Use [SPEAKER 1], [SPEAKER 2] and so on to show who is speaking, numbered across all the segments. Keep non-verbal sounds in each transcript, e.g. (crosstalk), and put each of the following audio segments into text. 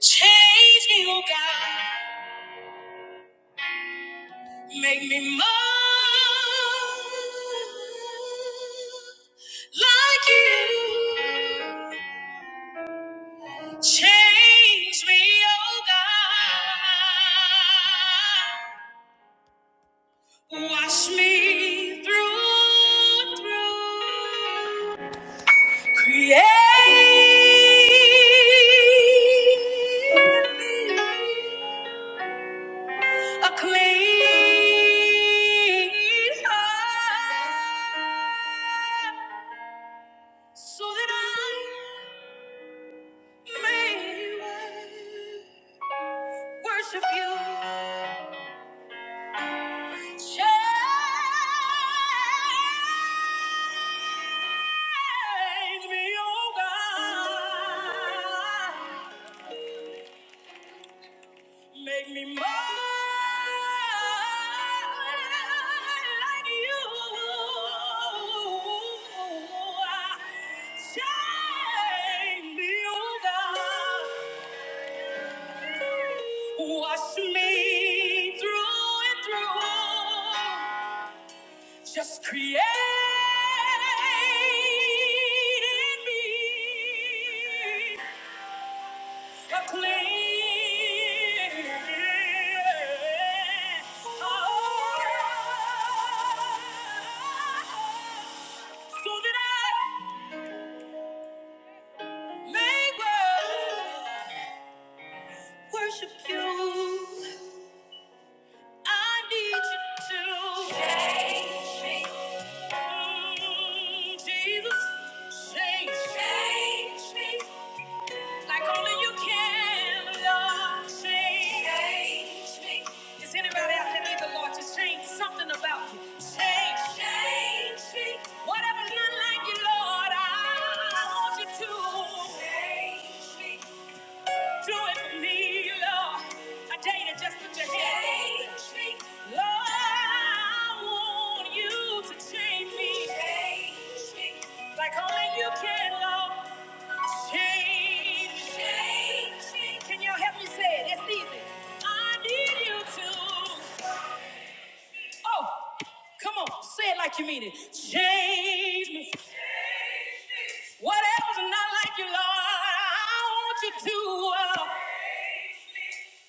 [SPEAKER 1] Change me, oh God. Make me more like you. Change me, oh God. Wash me through, through. Create. me A clean heart, so that I may worship you. Change me, oh God. Make me more like you. Shine me, oh God. Wash me through and through. Just create in me. So that I may well worship you. I need you to change me. Mm, Jesus, change me. Like only you can, Lord, change me. Is anybody out there need the Lord to change something about you? Change, change me. Whatever's not like you, Lord, I want you to change me. Do it for me, Lord. I dare you to just put your hand on me, Lord, I want you to change me. Change me. Like only you can, Lord. Change. me, Change me. Can y'all help me say it? It's easy. I need you to. Oh, come on. Say it like you mean it. Change me. Whatever's not like you, Lord, I want you to. uh,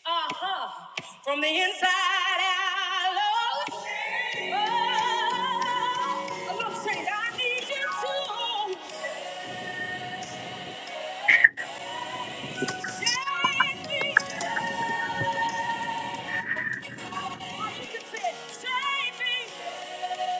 [SPEAKER 1] Uh-huh. From the inside out. Oh, oh, look, Saint, I need you to shake me. Or you can say, shake me.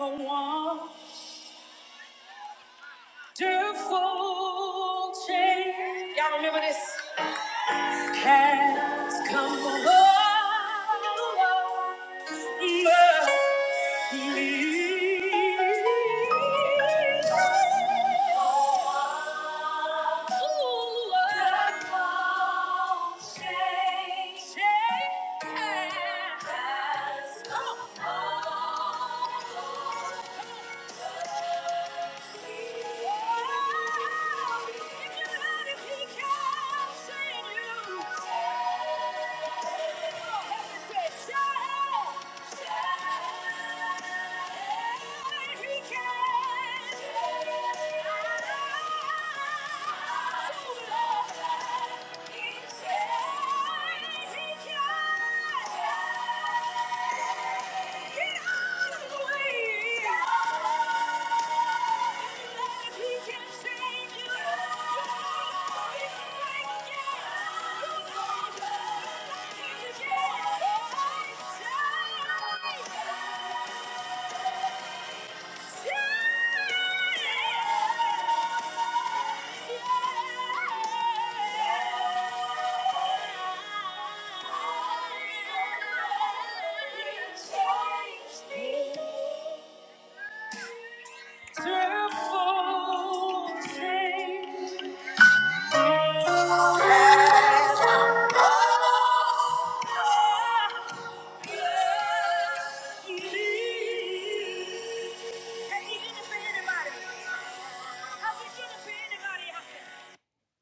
[SPEAKER 1] I want. Wonderful change. Y'all remember this? Has come over me. Wonderful change. Change has come over me. Yeah. Yeah. Tearful change.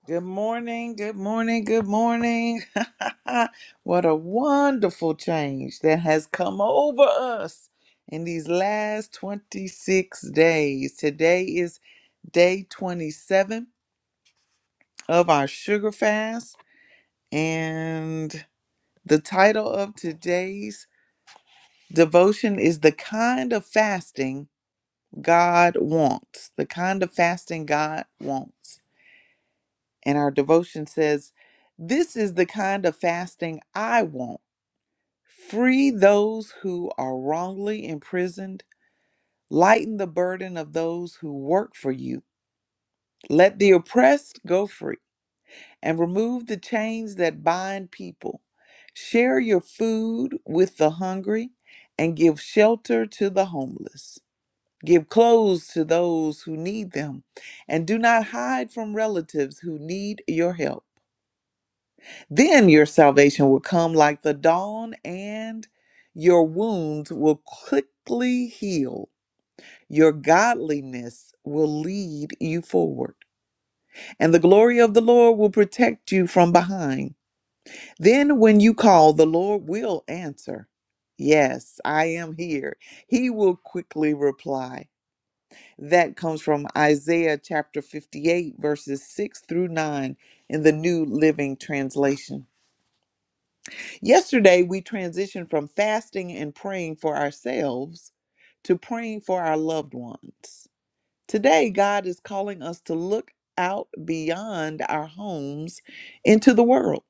[SPEAKER 1] Good morning, good morning, good morning. (laughs) what a wonderful change that has come over us in these last 26 days. Today is day 27 of our sugar fast. And the title of today's devotion is The Kind of Fasting God Wants. The Kind of Fasting God Wants. And our devotion says, This is the kind of fasting I want. Free those who are wrongly imprisoned, lighten the burden of those who work for you. Let the oppressed go free. and remove the chains that bind people. Share your food with the hungry and give shelter to the homeless. Give clothes to those who need them and do not hide from relatives who need your help. Then your salvation will come like the dawn and your wounds will quickly heal. Your godliness will lead you forward, and the glory of the Lord will protect you from behind. Then, when you call, the Lord will answer, Yes, I am here. He will quickly reply. That comes from Isaiah chapter 58, verses 6 through 9 in the New Living Translation. Yesterday, we transitioned from fasting and praying for ourselves to praying for our loved ones. Today, God is calling us to look out beyond our homes into the world.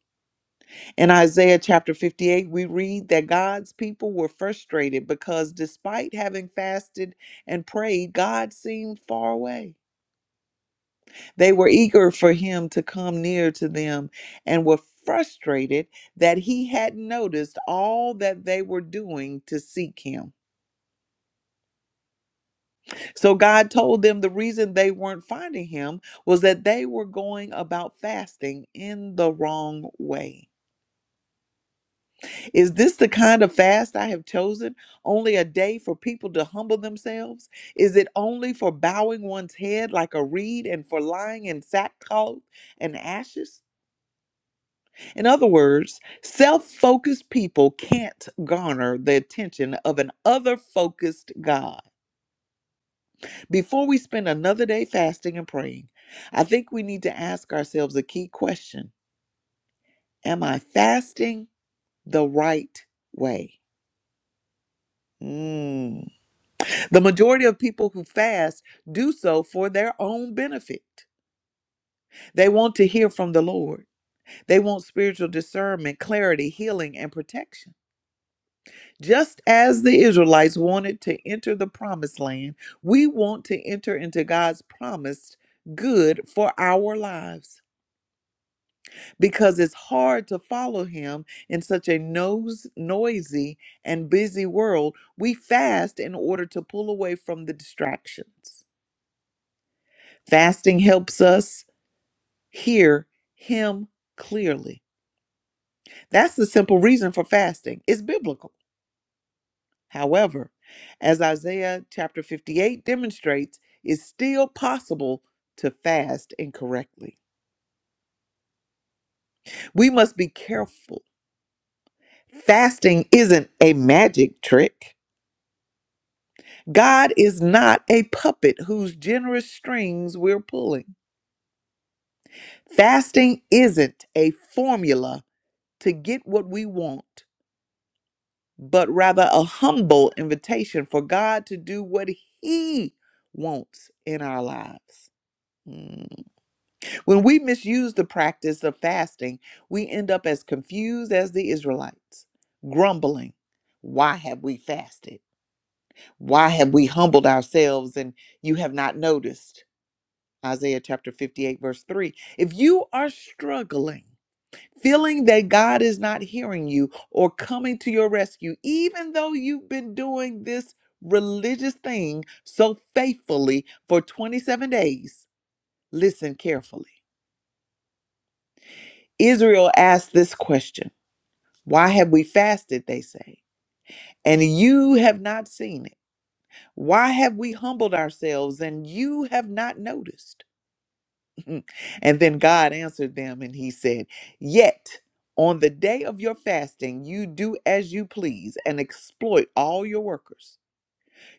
[SPEAKER 1] In Isaiah chapter 58, we read that God's people were frustrated because despite having fasted and prayed, God seemed far away. They were eager for him to come near to them and were frustrated that he hadn't noticed all that they were doing to seek him. So God told them the reason they weren't finding him was that they were going about fasting in the wrong way. Is this the kind of fast I have chosen? Only a day for people to humble themselves? Is it only for bowing one's head like a reed and for lying in sackcloth and ashes? In other words, self focused people can't garner the attention of an other focused God. Before we spend another day fasting and praying, I think we need to ask ourselves a key question Am I fasting the right way? Mm. The majority of people who fast do so for their own benefit. They want to hear from the Lord. They want spiritual discernment, clarity, healing, and protection. Just as the Israelites wanted to enter the promised land, we want to enter into God's promised good for our lives because it's hard to follow Him in such a nose, noisy and busy world. We fast in order to pull away from the distractions. Fasting helps us hear him clearly. That's the simple reason for fasting. It's biblical. However, as Isaiah chapter 58 demonstrates, it's still possible to fast incorrectly. We must be careful. Fasting isn't a magic trick. God is not a puppet whose generous strings we're pulling. Fasting isn't a formula to get what we want. but rather a humble invitation for God to do what He wants in our lives. Mm. When we misuse the practice of fasting, we end up as confused as the Israelites, grumbling. Why have we fasted? Why have we humbled ourselves and you have not noticed? Isaiah chapter 58, verse 3. If you are struggling, feeling that God is not hearing you or coming to your rescue, even though you've been doing this religious thing so faithfully for 27 days, listen carefully. Israel asked this question Why have we fasted? They say, and you have not seen it. Why have we humbled ourselves and you have not noticed? Mm. And then God answered them and he said, Yet on the day of your fasting, you do as you please and exploit all your workers.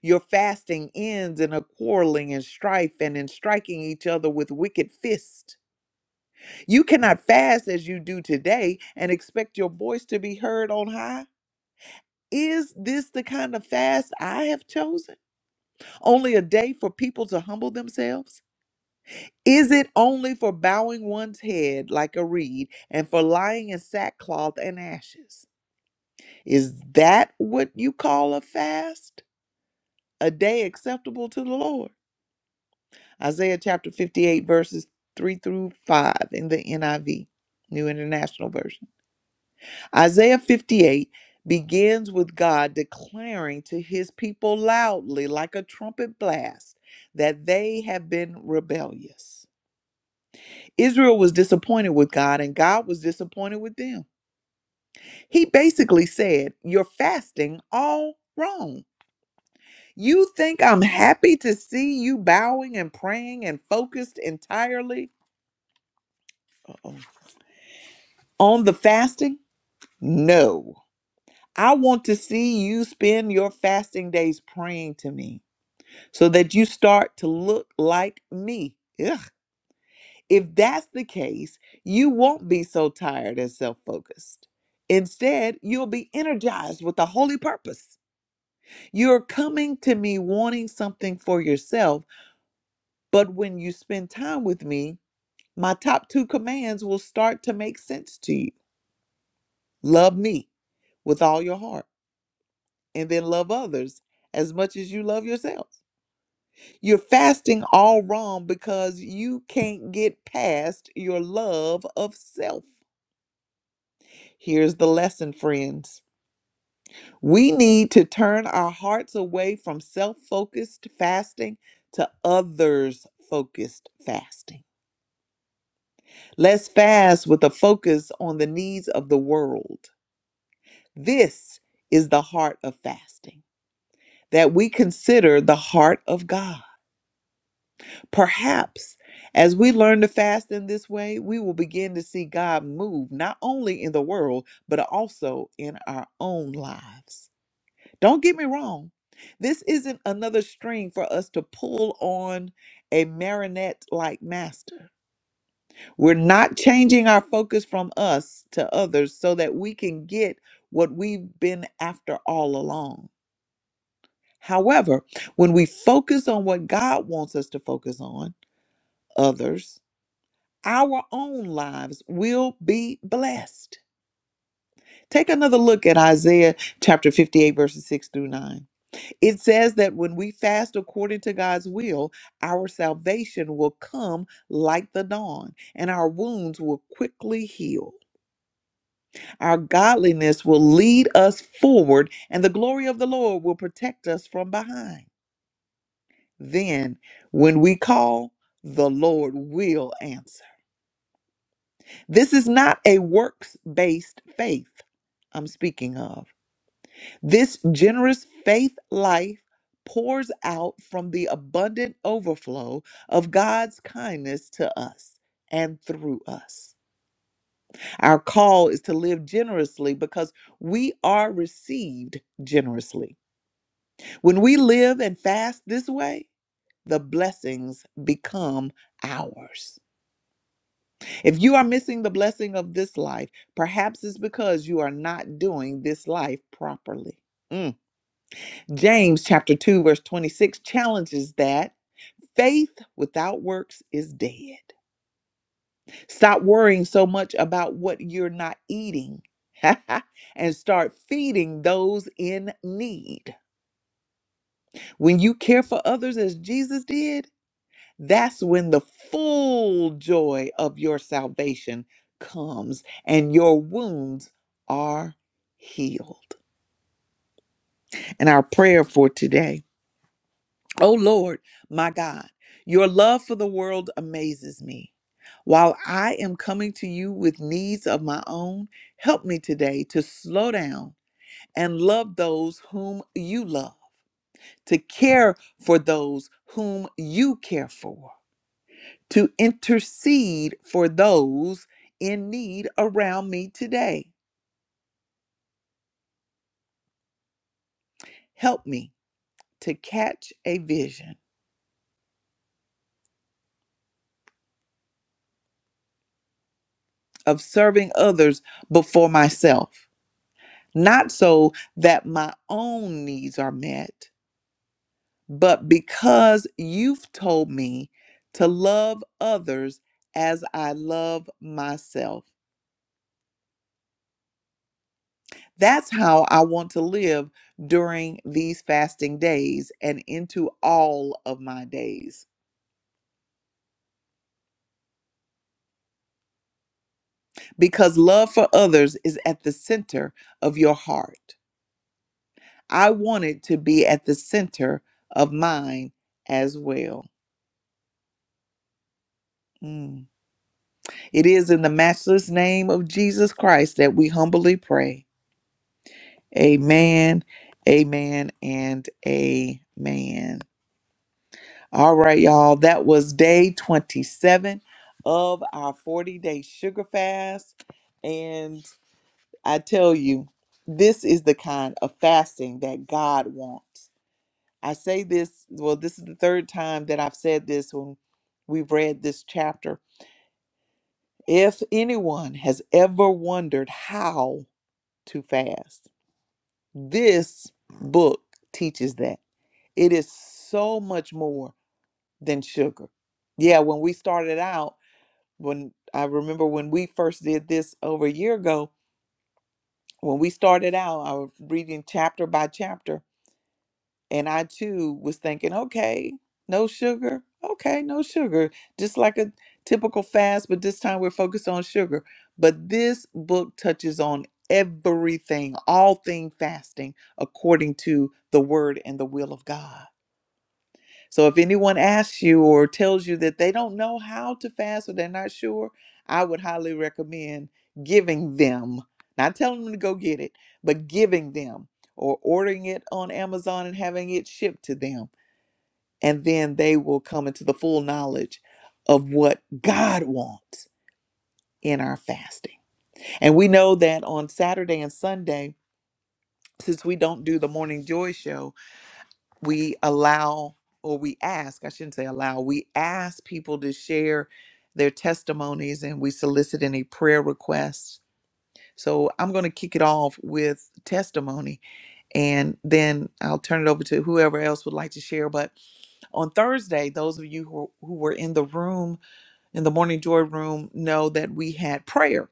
[SPEAKER 1] Your fasting ends in a quarreling and strife and in striking each other with wicked fists. You cannot fast as you do today and expect your voice to be heard on high. Is this the kind of fast I have chosen? Only a day for people to humble themselves? Is it only for bowing one's head like a reed and for lying in sackcloth and ashes? Is that what you call a fast? A day acceptable to the Lord? Isaiah chapter 58, verses 3 through 5 in the NIV, New International Version. Isaiah 58 begins with God declaring to his people loudly, like a trumpet blast, that they have been rebellious. Israel was disappointed with God and God was disappointed with them. He basically said, You're fasting all wrong. You think I'm happy to see you bowing and praying and focused entirely Uh-oh. on the fasting? No. I want to see you spend your fasting days praying to me so that you start to look like me. Yeah. If that's the case, you won't be so tired and self focused. Instead, you'll be energized with a holy purpose. You're coming to me wanting something for yourself, but when you spend time with me, my top two commands will start to make sense to you. Love me with all your heart, and then love others as much as you love yourself. You're fasting all wrong because you can't get past your love of self. Here's the lesson, friends. We need to turn our hearts away from self focused fasting to others focused fasting. Let's fast with a focus on the needs of the world. This is the heart of fasting, that we consider the heart of God. Perhaps as we learn to fast in this way, we will begin to see God move not only in the world, but also in our own lives. Don't get me wrong. This isn't another string for us to pull on a marionette like master. We're not changing our focus from us to others so that we can get what we've been after all along. However, when we focus on what God wants us to focus on, others, our own lives will be blessed. Take another look at Isaiah chapter 58, verses 6 through 9. It says that when we fast according to God's will, our salvation will come like the dawn, and our wounds will quickly heal. Our godliness will lead us forward, and the glory of the Lord will protect us from behind. Then, when we call, the Lord will answer. This is not a works based faith I'm speaking of. This generous faith life pours out from the abundant overflow of God's kindness to us and through us. Our call is to live generously because we are received generously. When we live and fast this way, the blessings become ours. If you are missing the blessing of this life, perhaps it's because you are not doing this life properly. Mm. James chapter 2 verse 26 challenges that faith without works is dead. Stop worrying so much about what you're not eating (laughs) and start feeding those in need. When you care for others as Jesus did, that's when the full joy of your salvation comes and your wounds are healed. And our prayer for today O Lord, my God, your love for the world amazes me. While I am coming to you with needs of my own, help me today to slow down and love those whom you love, to care for those whom you care for, to intercede for those in need around me today. Help me to catch a vision of serving others before myself not so that my own needs are met, but because you've told me to love others as I love myself. That's how I want to live during these fasting days and into all of my days, because love for others is at the center of your heart. I want it to be at the center of mine as well. Mm. It is in the matchless name of Jesus Christ that we humbly pray. Amen, amen, and amen. All right, y'all. That was day 27 of our 40 day sugar fast. And I tell you, this is the kind of fasting that God wants. I say this, well, this is the third time that I've said this when we've read this chapter. If anyone has ever wondered how too fast. This book teaches that. It is so much more than sugar. Yeah, when we started out, when I remember when we first did this over a year ago, when we started out, I was reading chapter by chapter And I too was thinking, okay, no sugar. Okay, no sugar. Just like a typical fast, but this time we're focused on sugar. But this book touches on everything, all thing fasting according to the word and the will of God. So if anyone asks you or tells you that they don't know how to fast or they're not sure, I would highly recommend giving them, not telling them to go get it, but giving them or ordering it on Amazon and having it shipped to them. And then they will come into the full knowledge of what God wants in our fasting. And we know that on Saturday and Sunday, since we don't do the Morning Joy show, we allow or we ask, I shouldn't say allow, we ask people to share their testimonies and we solicit any prayer requests. So I'm going to kick it off with testimony and then I'll turn it over to whoever else would like to share. But on Thursday, those of you who, who were in the room, in the Morning Joy room, know that we had prayer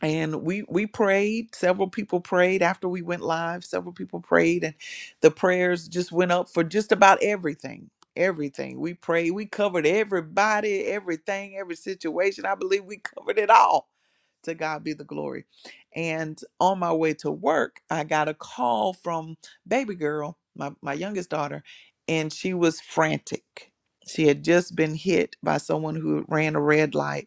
[SPEAKER 1] and we we prayed several people prayed after we went live several people prayed and the prayers just went up for just about everything everything we prayed we covered everybody everything every situation i believe we covered it all to god be the glory and on my way to work i got a call from baby girl my, my youngest daughter and she was frantic she had just been hit by someone who ran a red light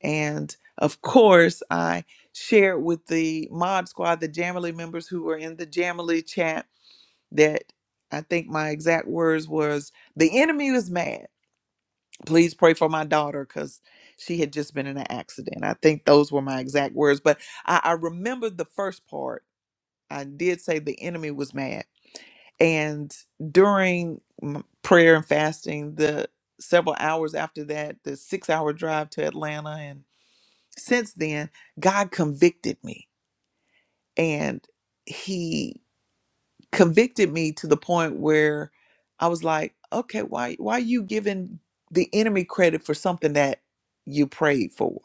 [SPEAKER 1] and of course, I shared with the Mod Squad, the Jamily members who were in the Jamily chat, that I think my exact words was, "The enemy is mad. Please pray for my daughter because she had just been in an accident." I think those were my exact words, but I, I remember the first part. I did say the enemy was mad, and during m- prayer and fasting, the several hours after that, the six-hour drive to Atlanta, and since then, God convicted me and he convicted me to the point where I was like, okay, why why are you giving the enemy credit for something that you prayed for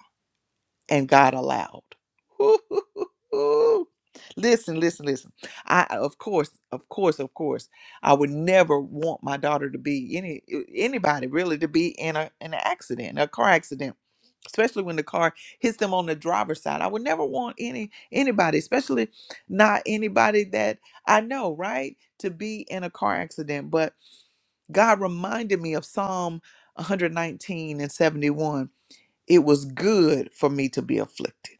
[SPEAKER 1] and God allowed? (laughs) listen, listen, listen. I of course, of course, of course, I would never want my daughter to be any anybody really to be in a in an accident, a car accident especially when the car hits them on the driver's side. I would never want any anybody, especially not anybody that I know, right, to be in a car accident. But God reminded me of Psalm 119 and 71. It was good for me to be afflicted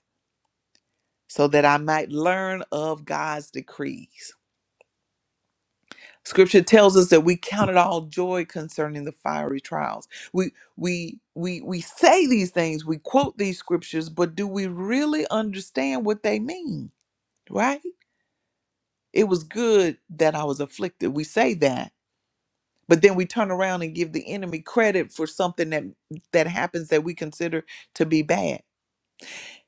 [SPEAKER 1] so that I might learn of God's decrees. Scripture tells us that we count it all joy concerning the fiery trials. We we we we say these things, we quote these scriptures, but do we really understand what they mean? Right? It was good that I was afflicted. We say that, but then we turn around and give the enemy credit for something that that happens that we consider to be bad.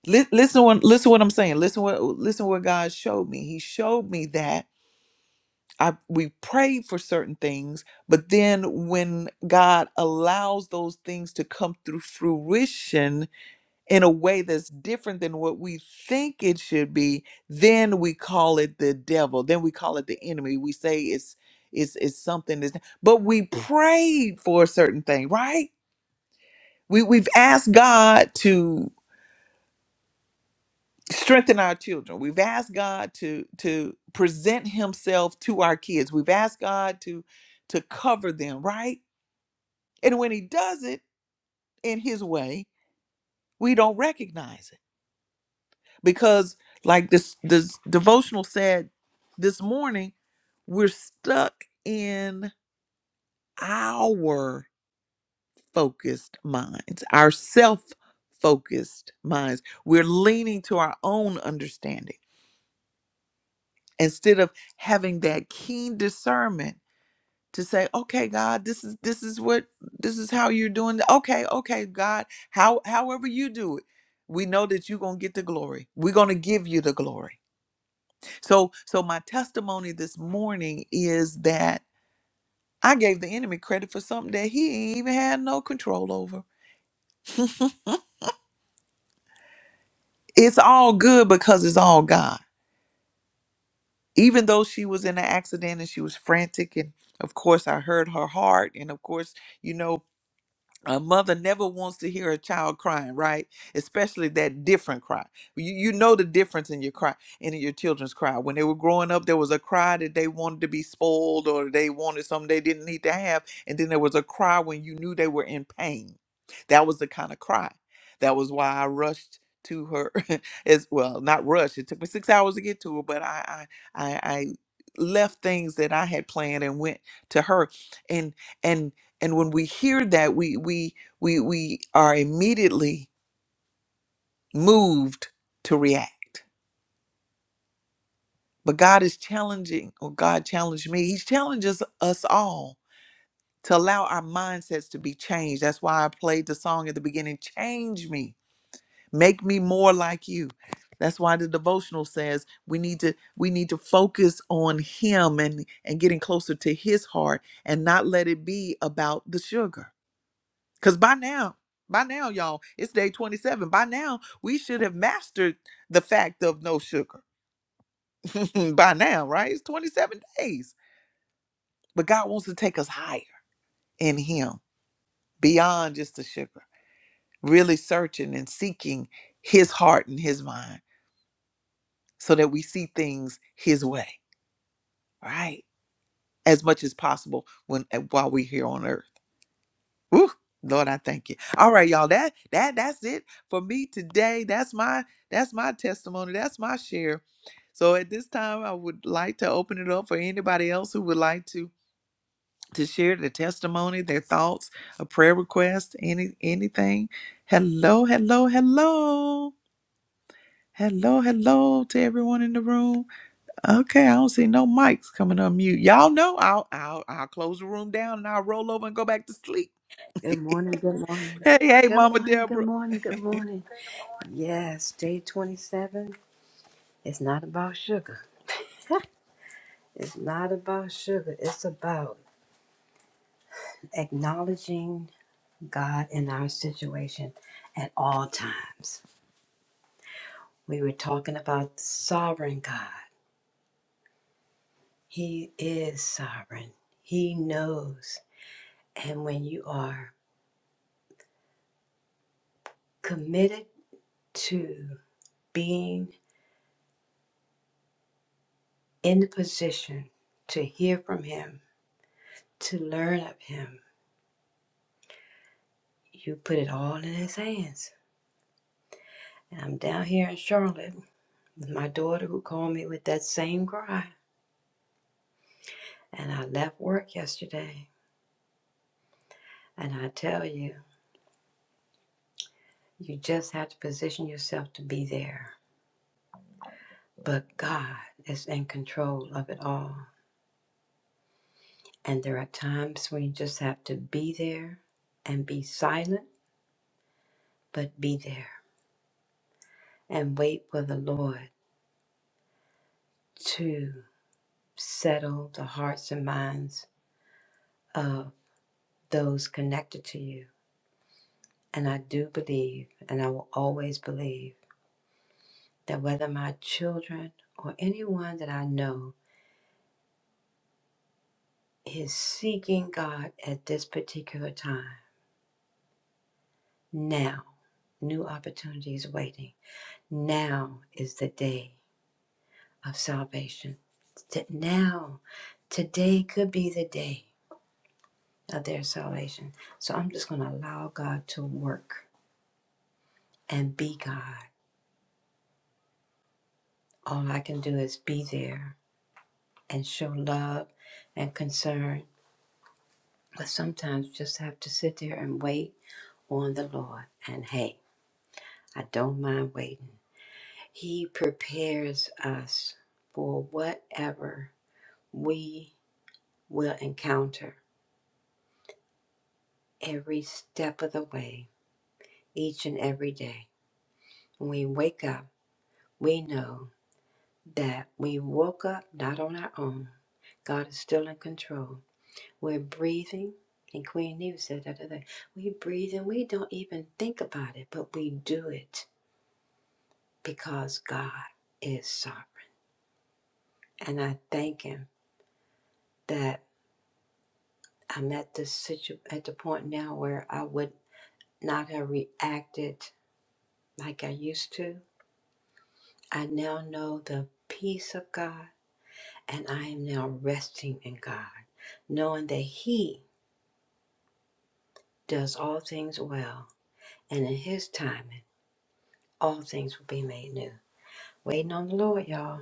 [SPEAKER 1] Li- listen what listen what I'm saying. Listen what listen what God showed me. He showed me that I we pray for certain things, but then when God allows those things to come through fruition in a way that's different than what we think it should be, then we call it the devil. Then we call it the enemy. We say it's it's it's something that's but we prayed for a certain thing, right? We we've asked God to strengthen our children we've asked god to to present himself to our kids we've asked god to to cover them right and when he does it in his way we don't recognize it because like this this devotional said this morning we're stuck in our focused minds our self focused minds we're leaning to our own understanding instead of having that keen discernment to say okay god this is this is what this is how you're doing it. okay okay god how however you do it we know that you're going to get the glory we're going to give you the glory so so my testimony this morning is that i gave the enemy credit for something that he ain't even had no control over it's all good because it's all god even though she was in an accident and she was frantic and of course i heard her heart and of course you know a mother never wants to hear a child crying, right? Especially that different cry. You, you know the difference in your cry and in your children's cry. When they were growing up, there was a cry that they wanted to be spoiled or they wanted something they didn't need to have. And then there was a cry when you knew they were in pain. That was the kind of cry. That was why I rushed to her (laughs) as well, not rushed. It took me six hours to get to her, but I I I, I left things that I had planned and went to her. And and and when we hear that, we we we we are immediately moved to react. But God is challenging, or God challenged me. He challenges us all to allow our mindsets to be changed. That's why I played the song at the beginning, change me, make me more like you. That's why the devotional says we need to we need to focus on him and and getting closer to his heart and not let it be about the sugar Because by now, by now, y'all, it's day 27. By now, we should have mastered the fact of no sugar. (laughs) by now, right? It's 27 days. But God wants to take us higher in Him, beyond just the sugar, really searching and seeking His heart and His mind so that we see things His way, right? As much as possible when while we're here on earth. Woo, Lord, I thank you. All right, y'all. That that that's it for me today. That's my that's my testimony. That's my share. So at this time, I would like to open it up for anybody else who would like to to share their testimony, their thoughts, a prayer request, any anything. Hello, hello, hello. Hello, hello to everyone in the room. Okay, I don't see no mics coming on mute. Y'all know I'll I'll I'll close the room down and I'll roll over and go back to sleep. (laughs)
[SPEAKER 2] Good
[SPEAKER 1] hey,
[SPEAKER 2] morning, good morning.
[SPEAKER 1] hey,
[SPEAKER 2] Good
[SPEAKER 1] Mama
[SPEAKER 2] morning, good
[SPEAKER 1] Deborah.
[SPEAKER 2] morning, good morning. Yes, day 27. It's not about sugar. It's not about sugar. It's about acknowledging God in our situation at all times. We were talking about the sovereign God. He is sovereign, He knows. And when you are committed to being in the position to hear from Him, to learn of Him, You put it all in His hands. And I'm down here in Charlotte with my daughter who called me with that same cry. And I left work yesterday. And I tell you, you just have to position yourself to be there. But God is in control of it all. And there are times when you just have to be there and be silent, but be there and wait for the Lord to settle the hearts and minds of those connected to you And I do believe, and I will always believe, that whether my children or anyone that I know is seeking God at this particular time, now, new opportunities waiting. Now is the day of salvation. T- Now, today could be the day of their salvation. So I'm just going to allow God to work and be God. All I can do is be there and show love and concern But sometimes just have to sit there and wait on the Lord. And hey, I don't mind waiting. He prepares us for whatever we will encounter every step of the way, each and every day. When we wake up, we know that we woke up not on our own. God is still in control. We're breathing. And Queen Neve said that other day. We breathe and we don't even think about it, but we do it because God is sovereign. And I thank Him that I'm at the situ- at the point now where I would not have reacted like I used to. I now know the peace of God, and I am now resting in God, knowing that He does all things well, and in His timing, all things will be made new. Waiting on the Lord, y'all,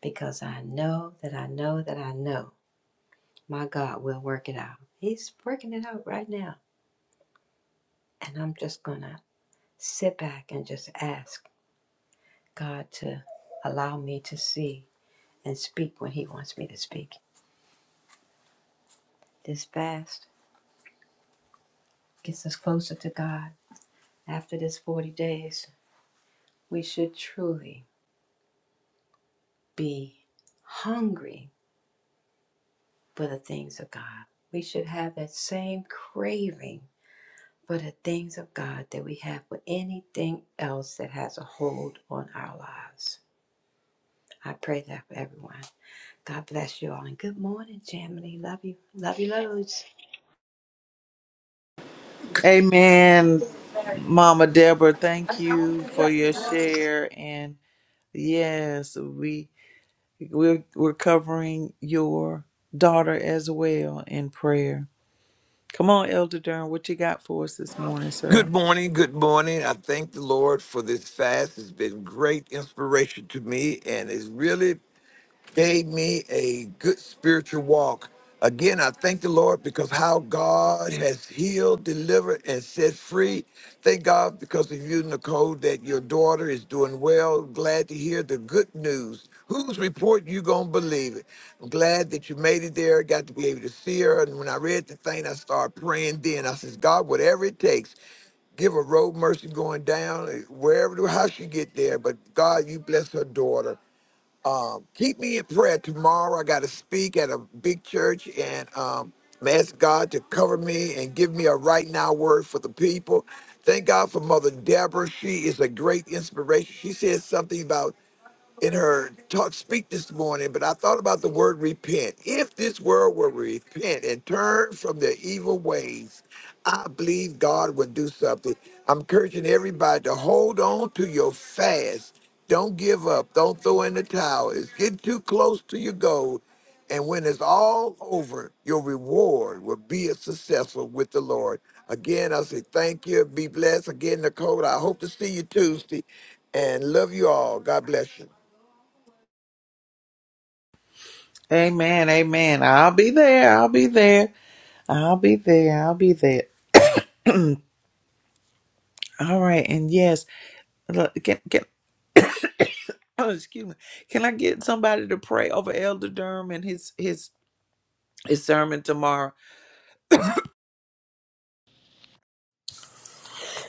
[SPEAKER 2] because I know that I know that I know my God will work it out. He's working it out right now And I'm just going to sit back and just ask God to allow me to see and speak when He wants me to speak. This fast gets us closer to God. After this 40 days, we should truly be hungry for the things of God. We should have that same craving for the things of God that we have for anything else that has a hold on our lives. I pray that for everyone. God bless you all. And good morning, Jamily. Love you. Love you loads.
[SPEAKER 1] Amen, Mama Deborah. Thank you for your share. And yes, we we're we're covering your daughter as well in prayer. Come on, Elder Durham, what you got for us this morning,
[SPEAKER 3] Good
[SPEAKER 1] sir?
[SPEAKER 3] morning. Good morning. I thank the Lord for this fast. It's been great inspiration to me, and it's really gave me a good spiritual walk. Again, I thank the Lord because how God has healed, delivered, and set free. Thank God because of you, Nicole, that your daughter is doing well. Glad to hear the good news. Whose report you gonna believe it? I'm glad that you made it there. Got to be able to see her. And when I read the thing, I started praying. Then I says, God, whatever it takes, give a road mercy going down eh, wherever how she get there but god you bless her daughter um, keep me in prayer tomorrow. I got to speak at a big church and um, I'm ask God to cover me and give me a right now word for the people. Thank God for Mother Deborah. She is a great inspiration. She said something about in her talk speak this morning, but I thought about the word repent. If this world will repent and turn from their evil ways, I believe God would do something. I'm encouraging everybody to hold on to your fast. Don't give up. Don't throw in the towel. It's getting too close to your goal. And when it's all over, your reward will be a successful with the Lord. Again, I say thank you. Be blessed. Again, Nicole, I hope to see you Tuesday and love you all. God bless you.
[SPEAKER 1] Amen, amen. I'll be there. I'll be there. I'll be there. I'll be there. All right, and yes, look, can can (clears throat) oh, excuse me. Can I get somebody to pray over Elder Durham and his his his sermon tomorrow?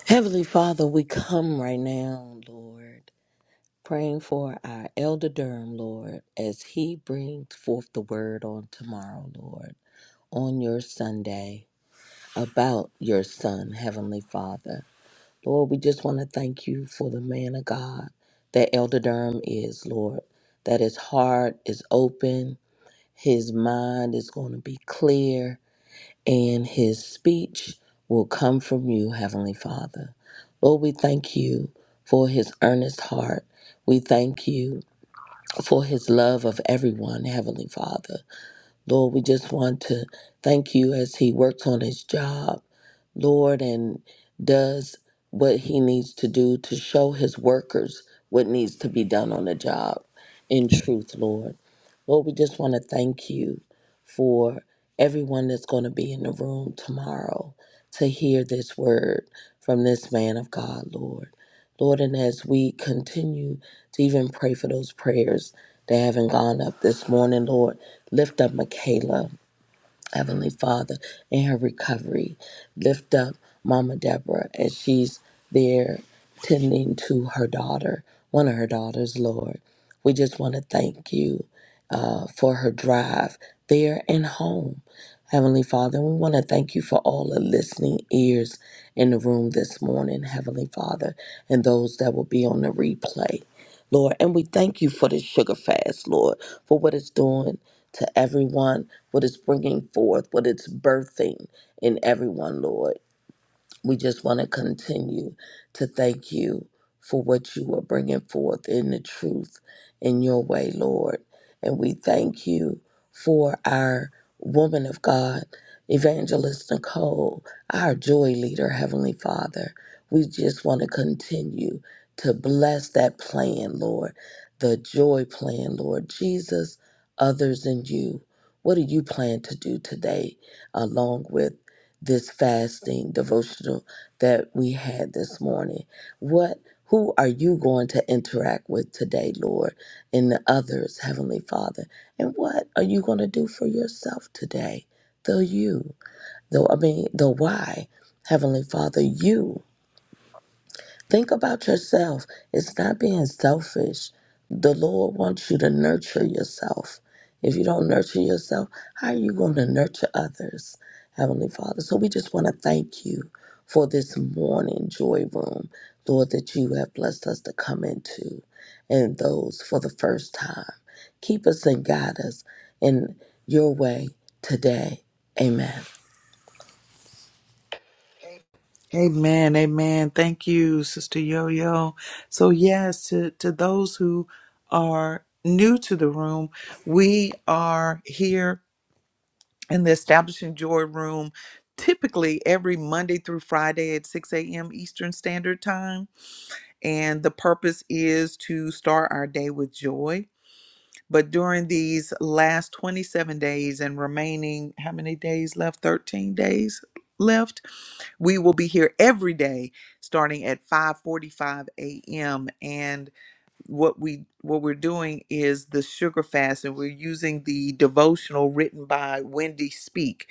[SPEAKER 4] Heavenly Father, we come right now, Lord, praying for our elder Durham, Lord, as he brings forth the word on tomorrow, Lord, on your Sunday about your son, Heavenly Father. Lord, we just want to thank you for the man of God that Elder Durham is, Lord, that his heart is open, his mind is going to be clear, and his speech will come from you, Heavenly Father. Lord, we thank you for his earnest heart. We thank you for his love of everyone, Heavenly Father. Lord, we just want to thank you as he works on his job. Lord, and does what he needs to do to show his workers what needs to be done on the job in truth, Lord. Lord, we just want to thank you for everyone that's going to be in the room tomorrow to hear this word from this man of God, Lord. Lord, and as we continue to even pray for those prayers that haven't gone up this morning, Lord, lift up Michaela. Heavenly Father, in her recovery. Lift up Mama Deborah as she's there tending to her daughter, one of her daughters, Lord. We just want to thank you uh, for her drive there and home. Heavenly Father, we want to thank you for all the listening ears in the room this morning, Heavenly Father, and those that will be on the replay. Lord. And we thank you for this sugar fast, Lord, for what it's doing to everyone, what it's bringing forth, what it's birthing in everyone, Lord we just want to continue to thank you for what you are bringing forth in the truth in your way, Lord. And we thank you for our woman of God, Evangelist Nicole, our joy leader, Heavenly Father. We just want to continue to bless that plan, Lord, the joy plan, Lord. Jesus, others, and you. What do you plan to do today along with? this fasting devotional that we had this morning. What who are you going to interact with today, Lord, and the others, Heavenly Father? And what are you going to do for yourself today? The you, the I mean the why, Heavenly Father, you. Think about yourself. It's not being selfish. The Lord wants you to nurture yourself. If you don't nurture yourself, how are you going to nurture others, Heavenly Father? So we just want to thank you for this morning joy room, Lord, that you have blessed us to come into and those for the first time. Keep us and guide us in your way today. Amen.
[SPEAKER 1] Amen, amen. Thank you, Sister Yo Yo. So, yes, to, to those who are new to the room, we are here in the Establishing Joy room typically every Monday through Friday at 6 a.m. Eastern Standard Time. And the purpose is to start our day with joy. But during these last 27 days and remaining, how many days left? 13 days left we will be here every day starting at 5:45 a.m. and what we what we're doing is the sugar fast and we're using the devotional written by Wendy Speak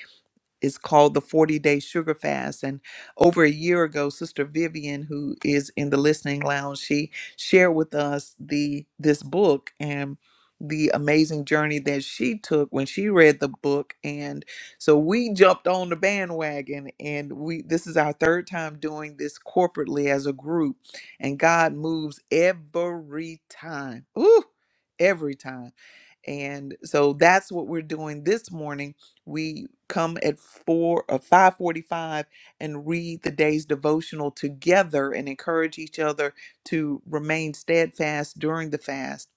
[SPEAKER 1] is called the 40 day sugar fast and over a year ago sister vivian who is in the listening lounge she shared with us the this book and the amazing journey that she took when she read the book and so we jumped on the bandwagon and we this is our third time doing this corporately as a group and god moves every time Ooh, every time and so that's what we're doing this morning we come at 4 or 5:45 and read the day's devotional together and encourage each other to remain steadfast during the fast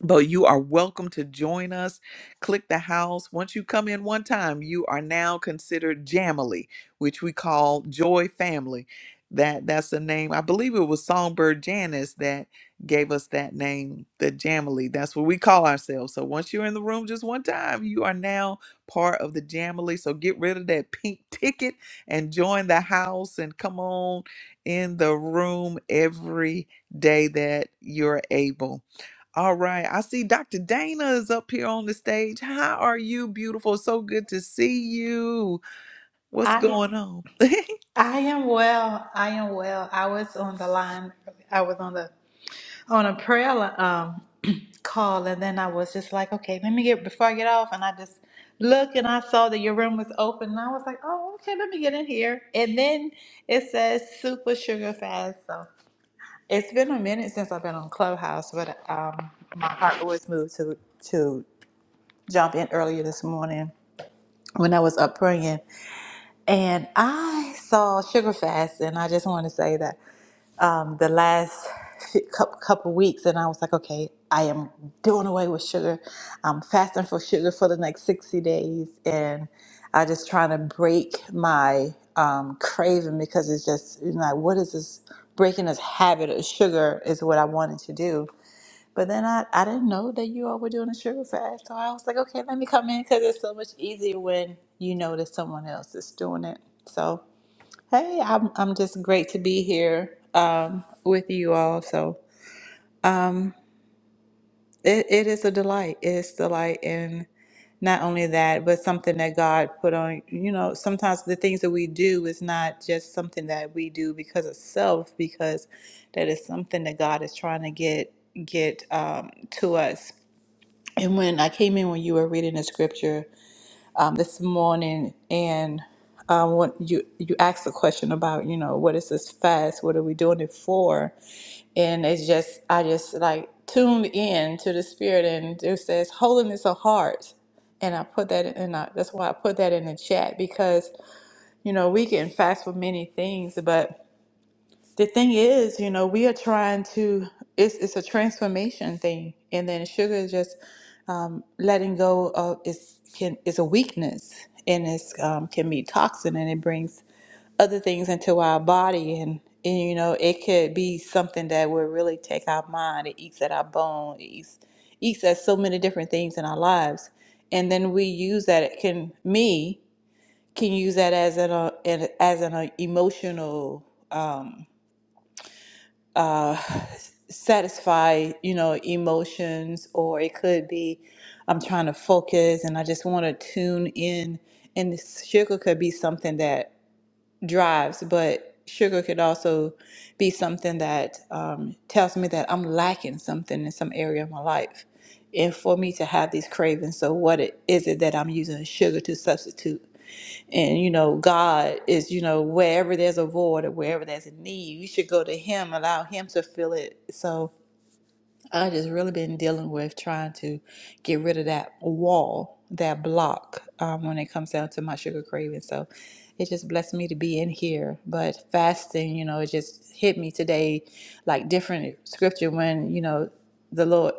[SPEAKER 1] but you are welcome to join us. Click the house. Once you come in one time, you are now considered Jamily, which we call Joy Family. That that's the name. I believe it was Songbird Janice that gave us that name, the Jamily. That's what we call ourselves. So once you're in the room just one time, you are now part of the Jamily. So get rid of that pink ticket and join the house and come on in the room every day that you're able. All right. I see Dr. Dana is up here on the stage. How are you, beautiful? So good to see you. What's
[SPEAKER 5] I
[SPEAKER 1] going on?
[SPEAKER 5] I am well. I am well. I was on the line. I was on the on a prayer li- um (clears throat) call, and then I was just like, okay, let me get before I get off, and I just looked and I saw that your room was open, and I was like, oh, okay, let me get in here. And then it says super sugar fast. So it's been a minute since I've been on Clubhouse, but um, my heart was moved to to jump in earlier this morning when I was up praying. And I saw Sugar Fast, and I just want to say that um, the last few- cou- couple weeks, and I was like, okay, I am doing away with sugar. I'm fasting for sugar for the next 60 days, and I just trying to break my um, craving because it's just you know, like, what is this breaking this habit of sugar is what I wanted to do but then I, I didn't know that you all were doing a sugar fast. So I was like, okay, let me come in because it's so much easier when you know that someone else is doing it. So, hey, I'm, I'm just great to be here um, with you all. So um, it, it is a delight. It's delight. And not only that, but something that God put on, you know, sometimes the things that we do is not just something that we do because of self, because that is something that God is trying to get get um, to us and when I came in when you were reading the scripture um, this morning, and um, what you you asked the question about, you know, what is this fast? What are we doing it for? And it's just I just like tuned in to the spirit, and it says holiness of heart. And I put that in. I, that's why I put that in the chat because you know we can fast for many things, but the thing is, you know, we are trying to, it's, it's a transformation thing. And then sugar is just um, letting go of is can is a weakness and it's um, can be toxin and it brings other things into our body and and you know it could be something that will really take our mind it eats at our bone it eats eats at so many different things in our lives and then we use that it can me can use that as an uh, as an uh, emotional um uh, satisfy, you know, emotions, or it could be I'm trying to focus and I just want to tune in. And this sugar could be something that drives, but sugar could also be something that um, tells me that I'm lacking something in some area of my life. And for me to have these cravings, so what it, is it that I'm using sugar to substitute? And you know, God is, you know, wherever there's a void or wherever there's a need, you should go to Him, allow Him to fill it. So I just really been dealing with trying to get rid of that wall, that block, um, when it comes down to my sugar craving. So it just blessed me to be in here. But fasting, you know, it just hit me today, like different scripture when, you know, the Lord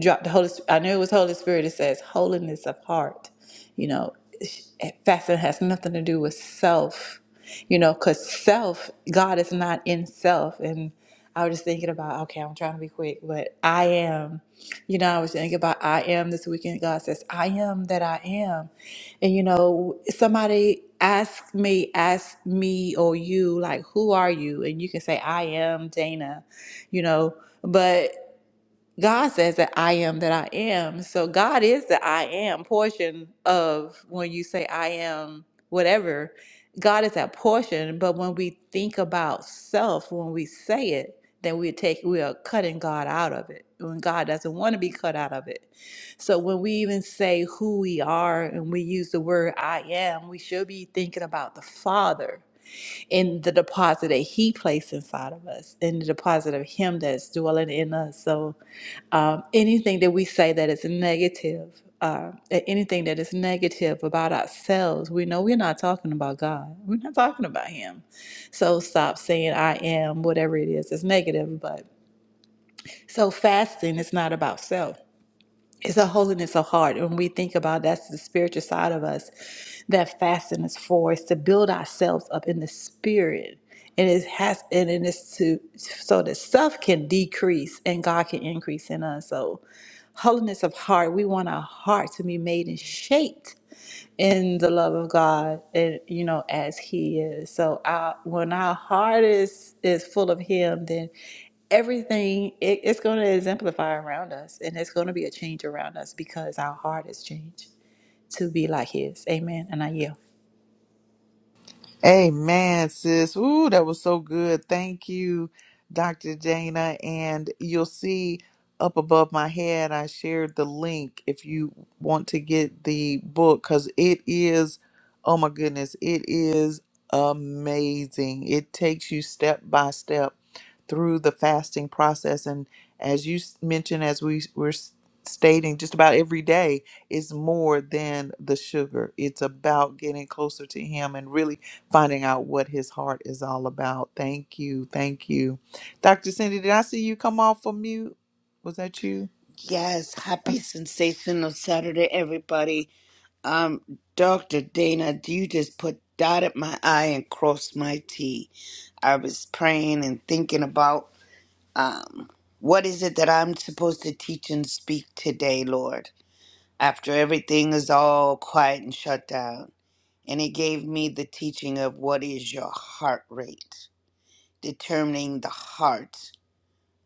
[SPEAKER 5] dropped the Holy Spirit. I knew it was Holy Spirit. It says, holiness of heart. You know, fasting has nothing to do with self, you know, because self, God is not in self. And I was just thinking about, okay, I'm trying to be quick, but I am. You know, I was thinking about I am this weekend. God says, I am that I am. And, you know, somebody asked me, asked me or you, like, who are you? And you can say, I am Dana, you know, but. God says that I am that I am. So God is the I am portion of when you say I am whatever. God is that portion, but when we think about self, when we say it, then we take we are cutting God out of it. When God doesn't want to be cut out of it. So when we even say who we are and we use the word I am, we should be thinking about the Father and the deposit that He placed inside of us and the deposit of Him that's dwelling in us. So um, anything that we say that is negative, uh, anything that is negative about ourselves, we know we're not talking about God. We're not talking about Him. So stop saying I am, whatever it is. It's negative, but so fasting is not about self. It's a holiness of heart. When we think about that's the spiritual side of us that fasting is for. It's to build ourselves up in the spirit. And it has and it is to so that self can decrease and God can increase in us. So Holiness of heart. We want our heart to be made and shaped in the love of God, and you know, as He is. So, our, when our heart is is full of Him, then everything it, it's going to exemplify around us, and it's going to be a change around us because our heart has changed to be like His. Amen. And I yield.
[SPEAKER 1] (laughs) Amen, sis. Ooh, that was so good. Thank you, Dr. Dana. And you'll see up above my head, I shared the link if you want to get the book because it is. Oh my goodness, it is amazing. It takes you step by step through the fasting process. And as you s- mentioned, as we s- were s- stating, just about every day is more than the sugar. It's about getting closer to Him and really finding out what His heart is all about. Thank you. Thank you. Dr. Cindy, did I see you come off of mute? Was that you?
[SPEAKER 6] Yes, happy sensational Saturday, everybody. Um, Dr. Dana, you just put dotted my I and crossed my T. I was praying and thinking about um, what is it that I'm supposed to teach and speak today, Lord, after everything is all quiet and shut down. And it gave me the teaching of what is your heart rate, determining the heart,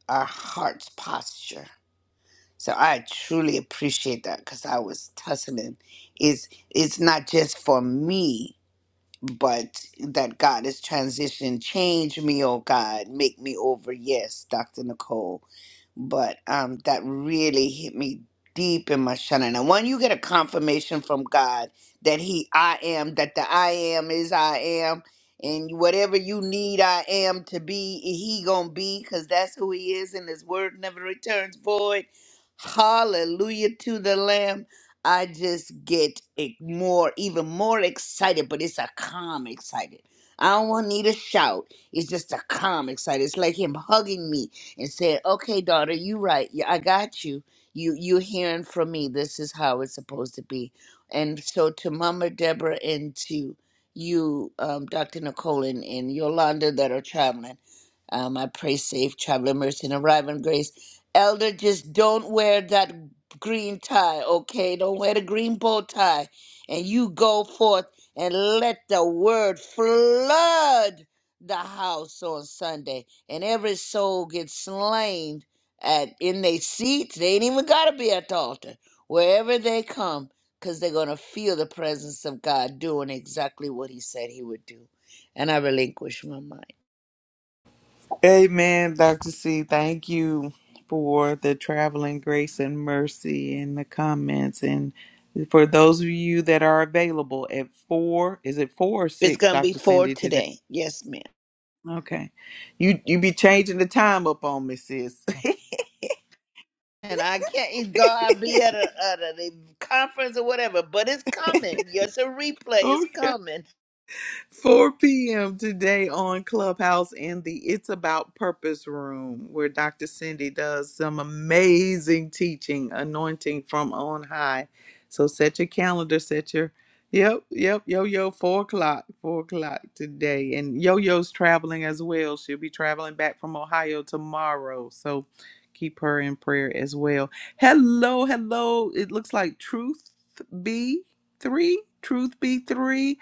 [SPEAKER 6] our heart's posture. So I truly appreciate that because I was tussling. It's it's not just for me but that God is transition. Change me, oh God, make me over. Yes, Dr. Nicole. But um, that really hit me deep in my shana. And when you get a confirmation from God that He, I am, that the I am is I am, and whatever you need, I am to be, He gonna be, cause that's who He is, and His word never returns void. Hallelujah to the Lamb. I just get e- more, even more excited, but it's a calm excited. I don't want need a shout. It's just a calm excited. It's like him hugging me and saying, "Okay, daughter, you right. Yeah, I got you. You you hearing from me. This is how it's supposed to be." And so to Mama Deborah and to you, um, Dr. Nicole and, and Yolanda that are traveling, um, I pray safe traveling mercy and arriving grace. Elder, just don't wear that green tie, okay? Don't wear the green bow tie. And you go forth and let the word flood the house on Sunday. And every soul gets slain at in their seats. They ain't even gotta be at the altar. Wherever they come, because they're gonna feel the presence of God doing exactly what he said he would do. And I relinquish my mind.
[SPEAKER 1] Amen, Dr. C. Thank you for the traveling grace and mercy in the comments. And for those of you that are available at four, is it four or
[SPEAKER 6] It's
[SPEAKER 1] six,
[SPEAKER 6] gonna be
[SPEAKER 1] Dr.
[SPEAKER 6] for
[SPEAKER 1] Cindy, today?
[SPEAKER 6] today. Yes, ma'am.
[SPEAKER 1] Okay. You you be changing the time up on me, sis.
[SPEAKER 6] and I can't it's God be at a at a the conference or whatever, but it's coming. Yes, a
[SPEAKER 1] (laughs)
[SPEAKER 6] replay is
[SPEAKER 1] okay.
[SPEAKER 6] coming.
[SPEAKER 1] 4 p.m. today on Clubhouse in the It's About Purpose room, where Dr. Cindy does some amazing teaching, anointing from on high. So set your calendar, set your Yep, yep, yo yo, four o'clock, four o'clock today. And yo yo's traveling as well. She'll be traveling back from Ohio tomorrow. So keep her in prayer as well. Hello, hello. It looks like Truth B3, Truth B3.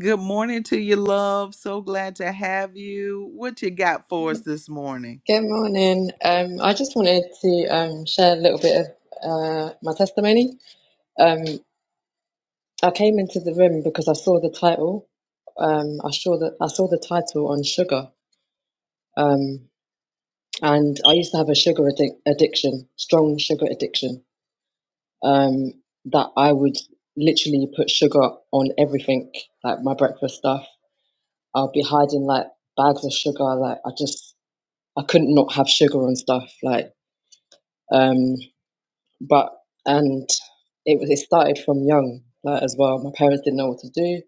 [SPEAKER 1] Good morning to you, love. So glad to have you. What you got for us this morning?
[SPEAKER 7] Good morning. Um, I just wanted to um, share a little bit of uh, my testimony. Um, I came into the room because I saw the title. Um, I saw that I saw the title on sugar, um, and I used to have a sugar addic- addiction, strong sugar addiction. Um, that I would literally put sugar on everything, like my breakfast stuff. I'll be hiding like bags of sugar. Like I just I couldn't not have sugar on stuff. Like. Um, but and it was it started from young like, as well. My parents didn't know what to do,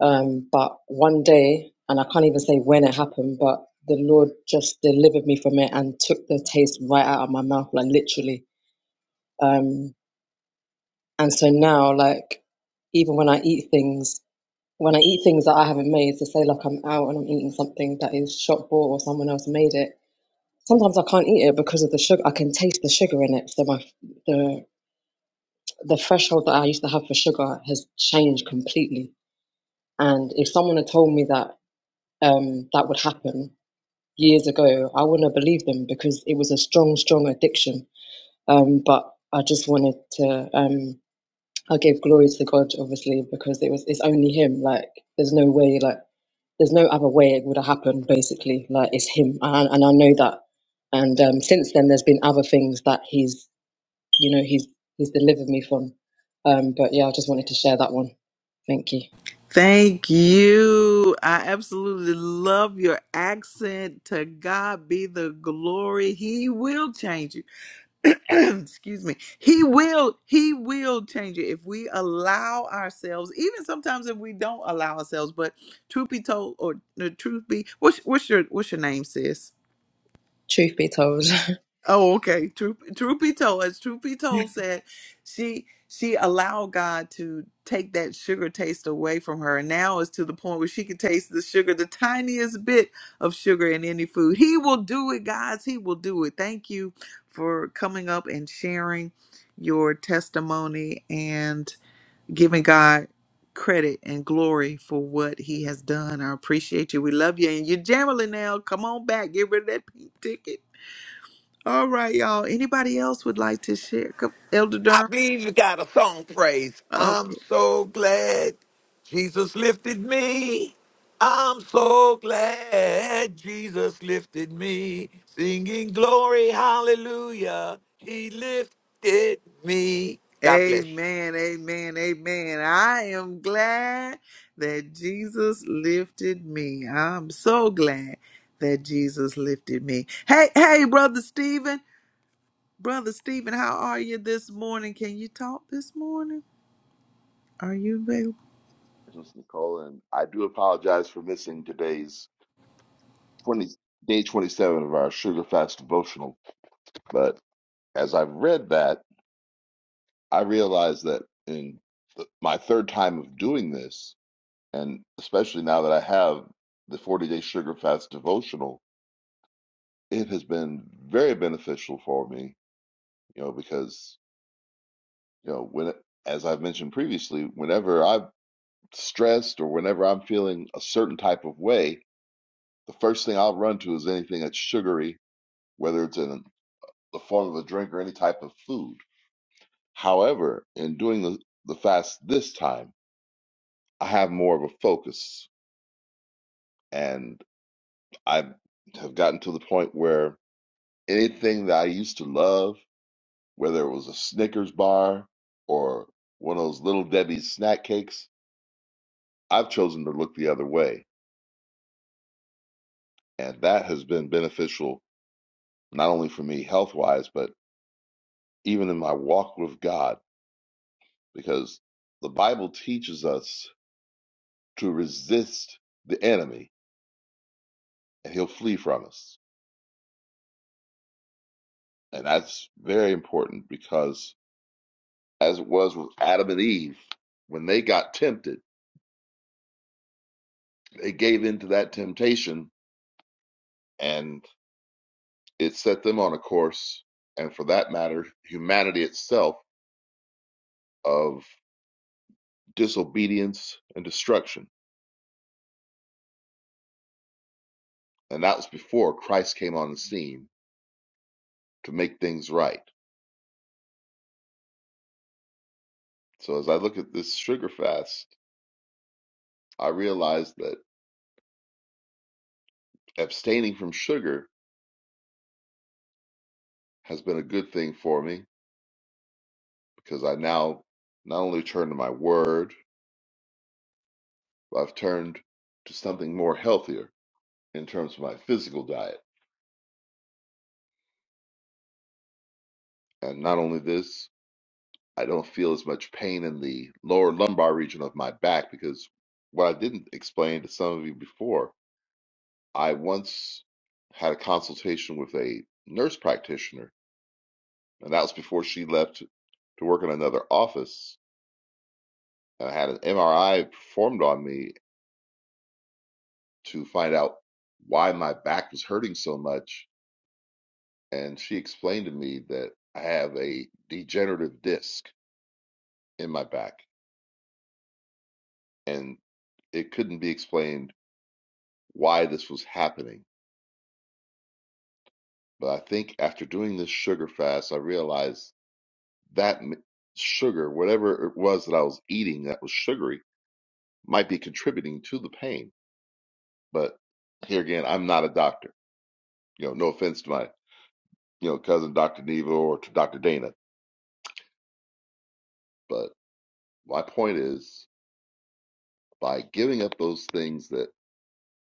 [SPEAKER 7] um, but one day, and I can't even say when it happened, but the Lord just delivered me from it and took the taste right out of my mouth, like literally. Um, and so now, like even when I eat things, when I eat things that I haven't made, so say like I'm out and I'm eating something that is shop bought or someone else made it. Sometimes I can't eat it because of the sugar. I can taste the sugar in it, so my the the threshold that I used to have for sugar has changed completely. And if someone had told me that um, that would happen years ago, I wouldn't have believed them because it was a strong, strong addiction. Um, but I just wanted to. Um, I gave glory to God, obviously, because it was. It's only Him. Like, there's no way. Like, there's no other way it would have happened. Basically, like it's Him, and, and I know that. And um, since then, there's been other things that He's you know he's he's delivered me from um but yeah i just wanted to share that one thank you
[SPEAKER 1] Thank you. I absolutely love your accent. To God be the glory. He will change you. (clears throat) Excuse me. He will, he will change it if we allow ourselves, even sometimes if we don't allow ourselves, but truth be told, or the truth be, what's, what's your, what's your name, sis?
[SPEAKER 7] truth be told (laughs)
[SPEAKER 1] Oh, okay. Truth, truth be told, as truth be told said, she she allowed God to take that sugar taste away from her. And now it's to the point where she can taste the sugar, the tiniest bit of sugar in any food. He will do it, guys. He will do it. Thank you for coming up and sharing your testimony and giving God credit and glory for what he has done. I appreciate you. We love you. And you're Jamily now. Come on back. Get rid of that pink ticket all right, y'all. Anybody else would like to share? Come, Elder
[SPEAKER 3] I
[SPEAKER 1] Durham.
[SPEAKER 3] believe you got a song praise. I'm
[SPEAKER 1] Okay.
[SPEAKER 3] so glad Jesus lifted me. I'm so glad Jesus lifted me. Singing glory, hallelujah. He lifted me. God bless you.
[SPEAKER 1] Amen. Amen. Amen. I am glad that Jesus lifted me. I'm so glad that Jesus lifted me. Hey, hey, brother Stephen. Brother Stephen, how are you this morning? Can you talk this morning? Are you available?
[SPEAKER 8] Congratulations, Nicole, and I do apologize for missing today's twenty day twenty seven of our Sugar Fast devotional. But as I've read that, I realize that in th- my third time of doing this, and especially now that I have the forty day Sugar Fast devotional, it has been very beneficial for me. You know, because you know when as I've mentioned previously, whenever I'm stressed or whenever I'm feeling a certain type of way, the first thing I'll run to is anything that's sugary whether it's in the form of a drink or any type of food. However, in doing the, the fast this time, I have more of a focus and I have gotten to the point where anything that I used to love, whether it was a Snickers bar or one of those little Debbie's snack cakes, I've chosen to look the other way. And that has been beneficial not only for me health wise, but even in my walk with God, because the Bible teaches us to resist the enemy and he'll flee from us. And that's very important because, as it was with Adam and Eve, when they got tempted, they gave in to that temptation and it set them on a course, and for that matter, humanity itself, of disobedience and destruction. And that was before Christ came on the scene to make things right. So, as I look at this sugar fast, I realize that abstaining from sugar has been a good thing for me because I now not only turn to my word, but I've turned to something more healthier in terms of my physical diet. And not only this, I don't feel as much pain in the lower lumbar region of my back because what I didn't explain to some of you before, I once had a consultation with a nurse practitioner, and that was before she left to work in another office. And I had an MRI performed on me to find out why my back was hurting so much. And she explained to me that I have a degenerative disc in my back. And it couldn't be explained why this was happening. But I think after doing this sugar fast, I realized that sugar, whatever it was that I was eating that was sugary, might be contributing to the pain. But here again, I'm not a doctor. You know, no offense to my, you know, cousin Dr. Neva or to Dr. Dana, but my point is by giving up those things that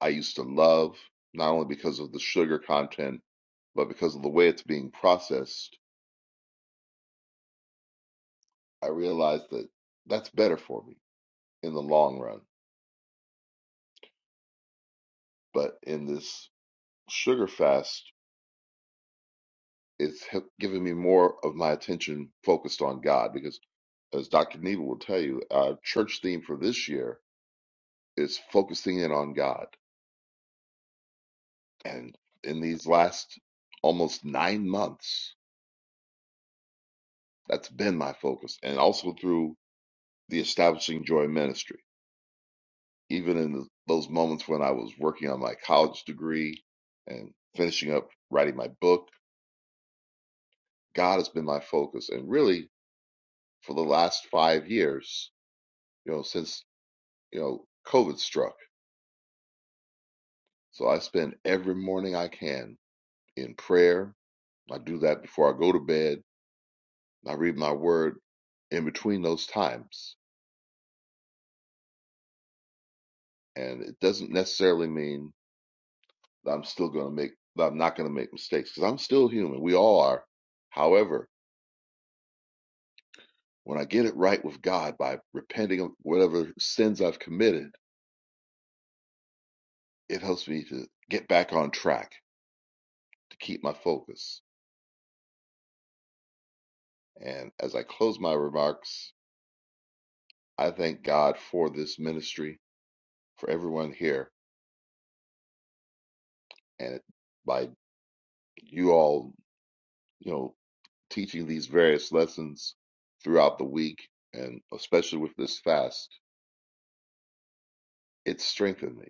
[SPEAKER 8] I used to love, not only because of the sugar content, but because of the way it's being processed, I realized that that's better for me in the long run. But in this sugar fast, it's given me more of my attention focused on God because, as Dr. Neva will tell you, our church theme for this year is focusing in on God. And in these last almost nine months, that's been my focus. And also through the Establishing Joy Ministry. Even in the, those moments when I was working on my college degree and finishing up writing my book, God has been my focus. And really, for the last five years, you know, since, you know, COVID struck. So I spend every morning I can in prayer. I do that before I go to bed. I read my word in between those times. And it doesn't necessarily mean that I'm still going to make, that I'm not going to make mistakes because I'm still human. We all are. However, when I get it right with God by repenting of whatever sins I've committed, it helps me to get back on track, to keep my focus. And as I close my remarks, I thank God for this ministry, for everyone here, and by you all, you know, teaching these various lessons throughout the week, and especially with this fast, it strengthened me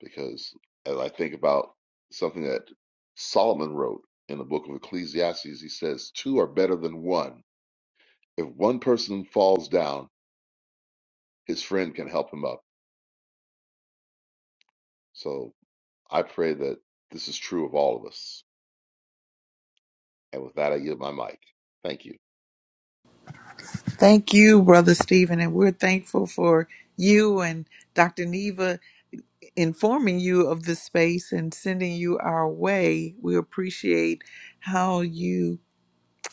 [SPEAKER 8] because as I think about something that Solomon wrote in the book of Ecclesiastes, he says, Two are better than one. If one person falls down, his friend can help him up. So I pray that this is true of all of us. And with that, I yield my mic. Thank you.
[SPEAKER 1] Thank you, brother Stephen, and we're thankful for you and Dr. Neva. informing you of the space and sending you our way. We appreciate how you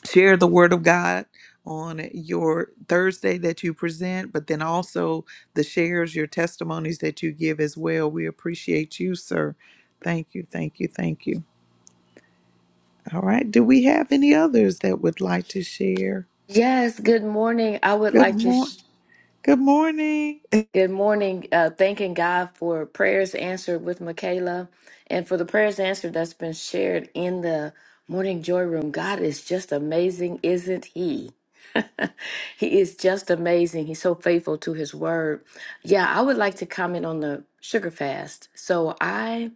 [SPEAKER 1] share the Word of God on your Thursday that you present, but then also the shares, your testimonies that you give as well. We appreciate you, sir. Thank you, thank you, thank you. All right. Do we have any others that would like to share?
[SPEAKER 9] Yes, good morning. I would
[SPEAKER 1] Good
[SPEAKER 9] like to,
[SPEAKER 1] morning.
[SPEAKER 9] sh-
[SPEAKER 1] Good morning. (laughs)
[SPEAKER 9] good morning, uh, thanking God for prayers answered with Michaela and for the prayers answered that's been shared in the Morning Joy Room. God is just amazing, isn't He? (laughs) he is just amazing. He's so faithful to His word. Yeah, I would like to comment on the sugar fast. So I.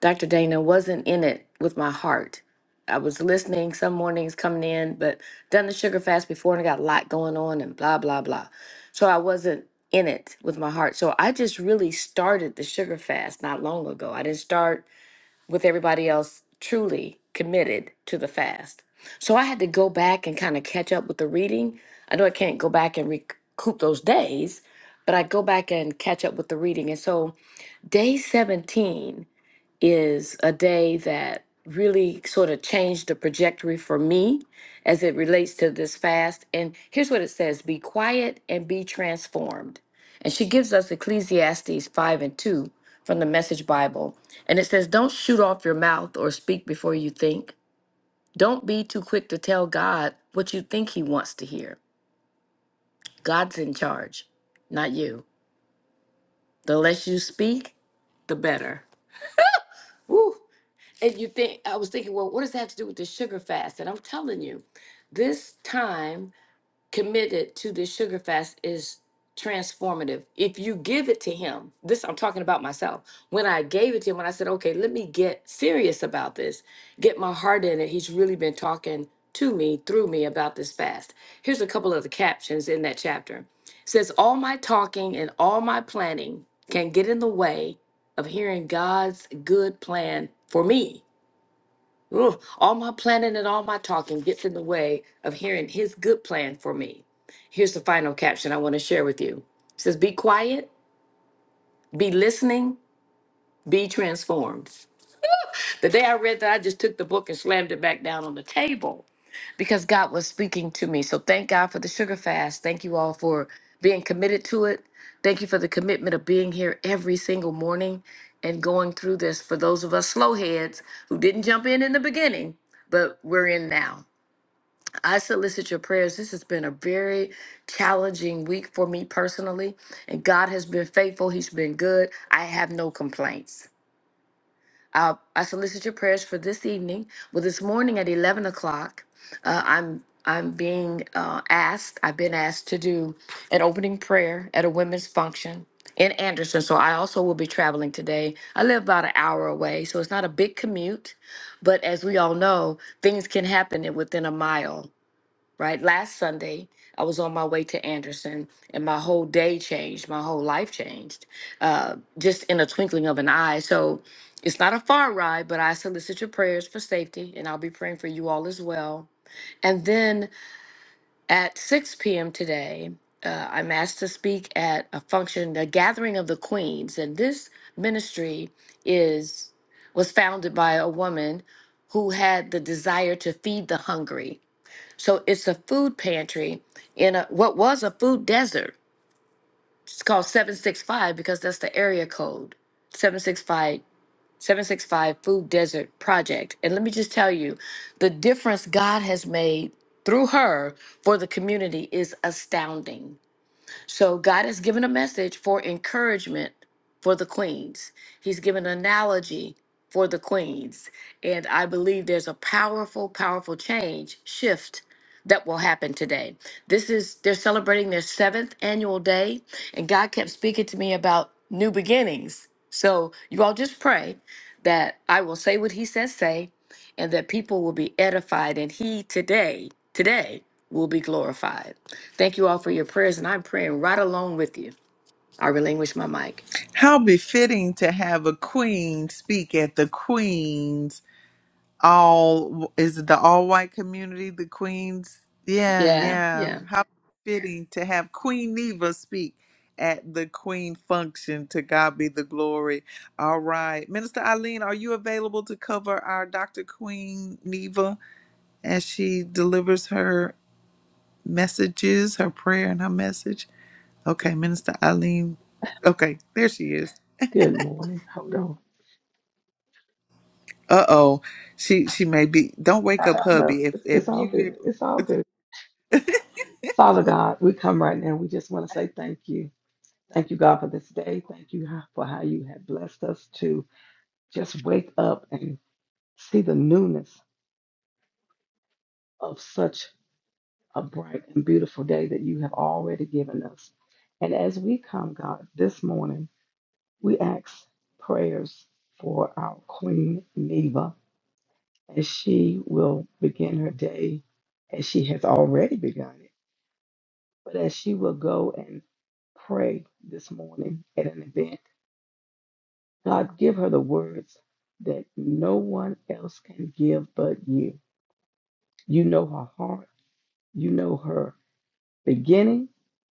[SPEAKER 9] Dr. Dana wasn't in it with my heart. I was listening some mornings coming in, but done the sugar fast before and I got a lot going on and blah, blah, blah. So I wasn't in it with my heart. So I just really started the sugar fast not long ago. I didn't start with everybody else truly committed to the fast. So I had to go back and kind of catch up with the reading. I know I can't go back and recoup those days, but I go back and catch up with the reading. And so day 17 is a day that really sort of changed the trajectory for me as it relates to this fast. And here's what it says Be quiet and be transformed. And she gives us Ecclesiastes 5 and 2 from the Message Bible. And it says, Don't shoot off your mouth or speak before you think. Don't be too quick to tell God what you think He wants to hear. God's in charge, not you. The less you speak, the better. Woo! And you think, I was thinking, well, what does that have to do with the sugar fast? And I'm telling you, this time committed to the sugar fast is transformative. If you give it to Him, this I'm talking about myself. When I gave it to Him, when I said, okay, let me get serious about this, get my heart in it, He's really been talking to me, through me about this fast. Here's a couple of the captions in that chapter. It says, All my talking and all my planning can get in the way of hearing God's good plan for me. Ugh, all my planning and all my talking gets in the way of hearing his good plan for me. Here's the final caption I want to share with you. It says, Be quiet, be listening, be transformed. The day I read that, I just took the book and slammed it back down on the table because God was speaking to me. So thank God for the sugar fast. Thank you all for being committed to it. Thank you for the commitment of being here every single morning and going through this. For those of us slow heads who didn't jump in in the beginning, but we're in now. I solicit your prayers. This has been a very challenging week for me personally, and God has been faithful. He's been good. I have no complaints. I, I solicit your prayers for this evening. Well, this morning at eleven o'clock, uh, I'm I'm being uh, asked. I've been asked to do an opening prayer at a women's function in Anderson. So I also will be traveling today. I live about an hour away, so it's not a big commute. But as we all know, things can happen in- within a mile right? Last Sunday, I was on my way to Anderson, and my whole day changed, my whole life changed, uh, just in a twinkling of an eye. So it's not a far ride, but I solicit your prayers for safety, and I'll be praying for you all as well. And then at 6 p.m. today, uh, I'm asked to speak at a function, the Gathering of the Queens, and this ministry is was founded by a woman who had the desire to feed the hungry so it's a food pantry in a what was a food desert. It's called 765 because that's the area code. 765 765 Food Desert Project. And let me just tell you, the difference God has made through her for the community is astounding. So God has given a message for encouragement for the queens. He's given an analogy for the queens. And I believe there's a powerful, powerful change, shift that will happen today. This is, they're celebrating their seventh annual day. And God kept speaking to me about new beginnings. So you all just pray that I will say what He says, say, and that people will be edified. And He today, today, will be glorified. Thank you all for your prayers, and I'm praying right along with you. I relinquish my mic.
[SPEAKER 1] How befitting to have a queen speak at the Queen's all is it the all white community, the Queens? Yeah,
[SPEAKER 9] Yeah,
[SPEAKER 1] yeah.
[SPEAKER 9] yeah.
[SPEAKER 1] How fitting to have Queen Neva speak at the Queen function. To God be the glory. All right. Minister Eileen, are you available to cover our Dr. Queen Neva as she delivers her messages, her prayer and her message? Okay, Minister Eileen. Okay, there she is.
[SPEAKER 10] Good morning. Hold on.
[SPEAKER 1] Uh oh, she she may be. Don't
[SPEAKER 10] I
[SPEAKER 1] wake up,
[SPEAKER 10] I know
[SPEAKER 1] hubby. If
[SPEAKER 10] it's,
[SPEAKER 1] if
[SPEAKER 10] it's all
[SPEAKER 1] you get
[SPEAKER 10] good. It's all good. Father God, we come right now. We just want to say thank you. Thank you, God, for this day. Thank you how- for how you have blessed us to just wake up and see the newness of such a bright and beautiful day that you have already given us. And as we come, God, this morning, we ask prayers for our Queen Neva as she will begin her day as she has already begun it but as she will go and pray this morning at an event, God, give her the words that no one else can give but you. You know her heart, you know her beginning,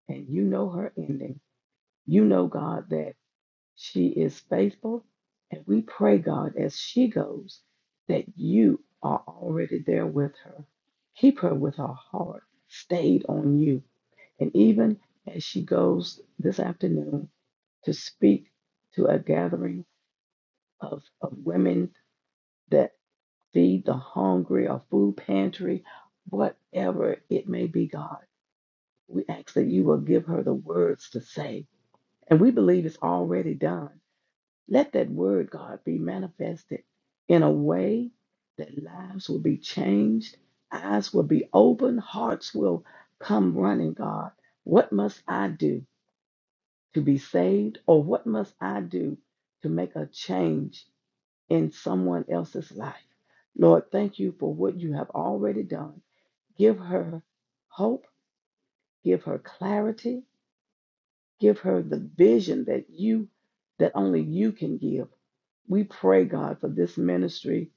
[SPEAKER 10] and you know her ending. You know, God, that she is faithful, and we pray, God, as she goes, that you are already there with her. Keep her with her heart stayed on you. And even as she goes this afternoon, to speak to a gathering of, of women that feed the hungry or food pantry, whatever it may be, God. We ask that you will give her the words to say. And we believe it's already done. Let that word, God, be manifested in a way that lives will be changed, eyes will be opened, hearts will come running, God. What must I do to be saved, or what must I do to make a change in someone else's life. Lord, thank you for what you have already done. Give her hope, give her clarity, give her the vision that you that only you can give. We pray, God, for this ministry,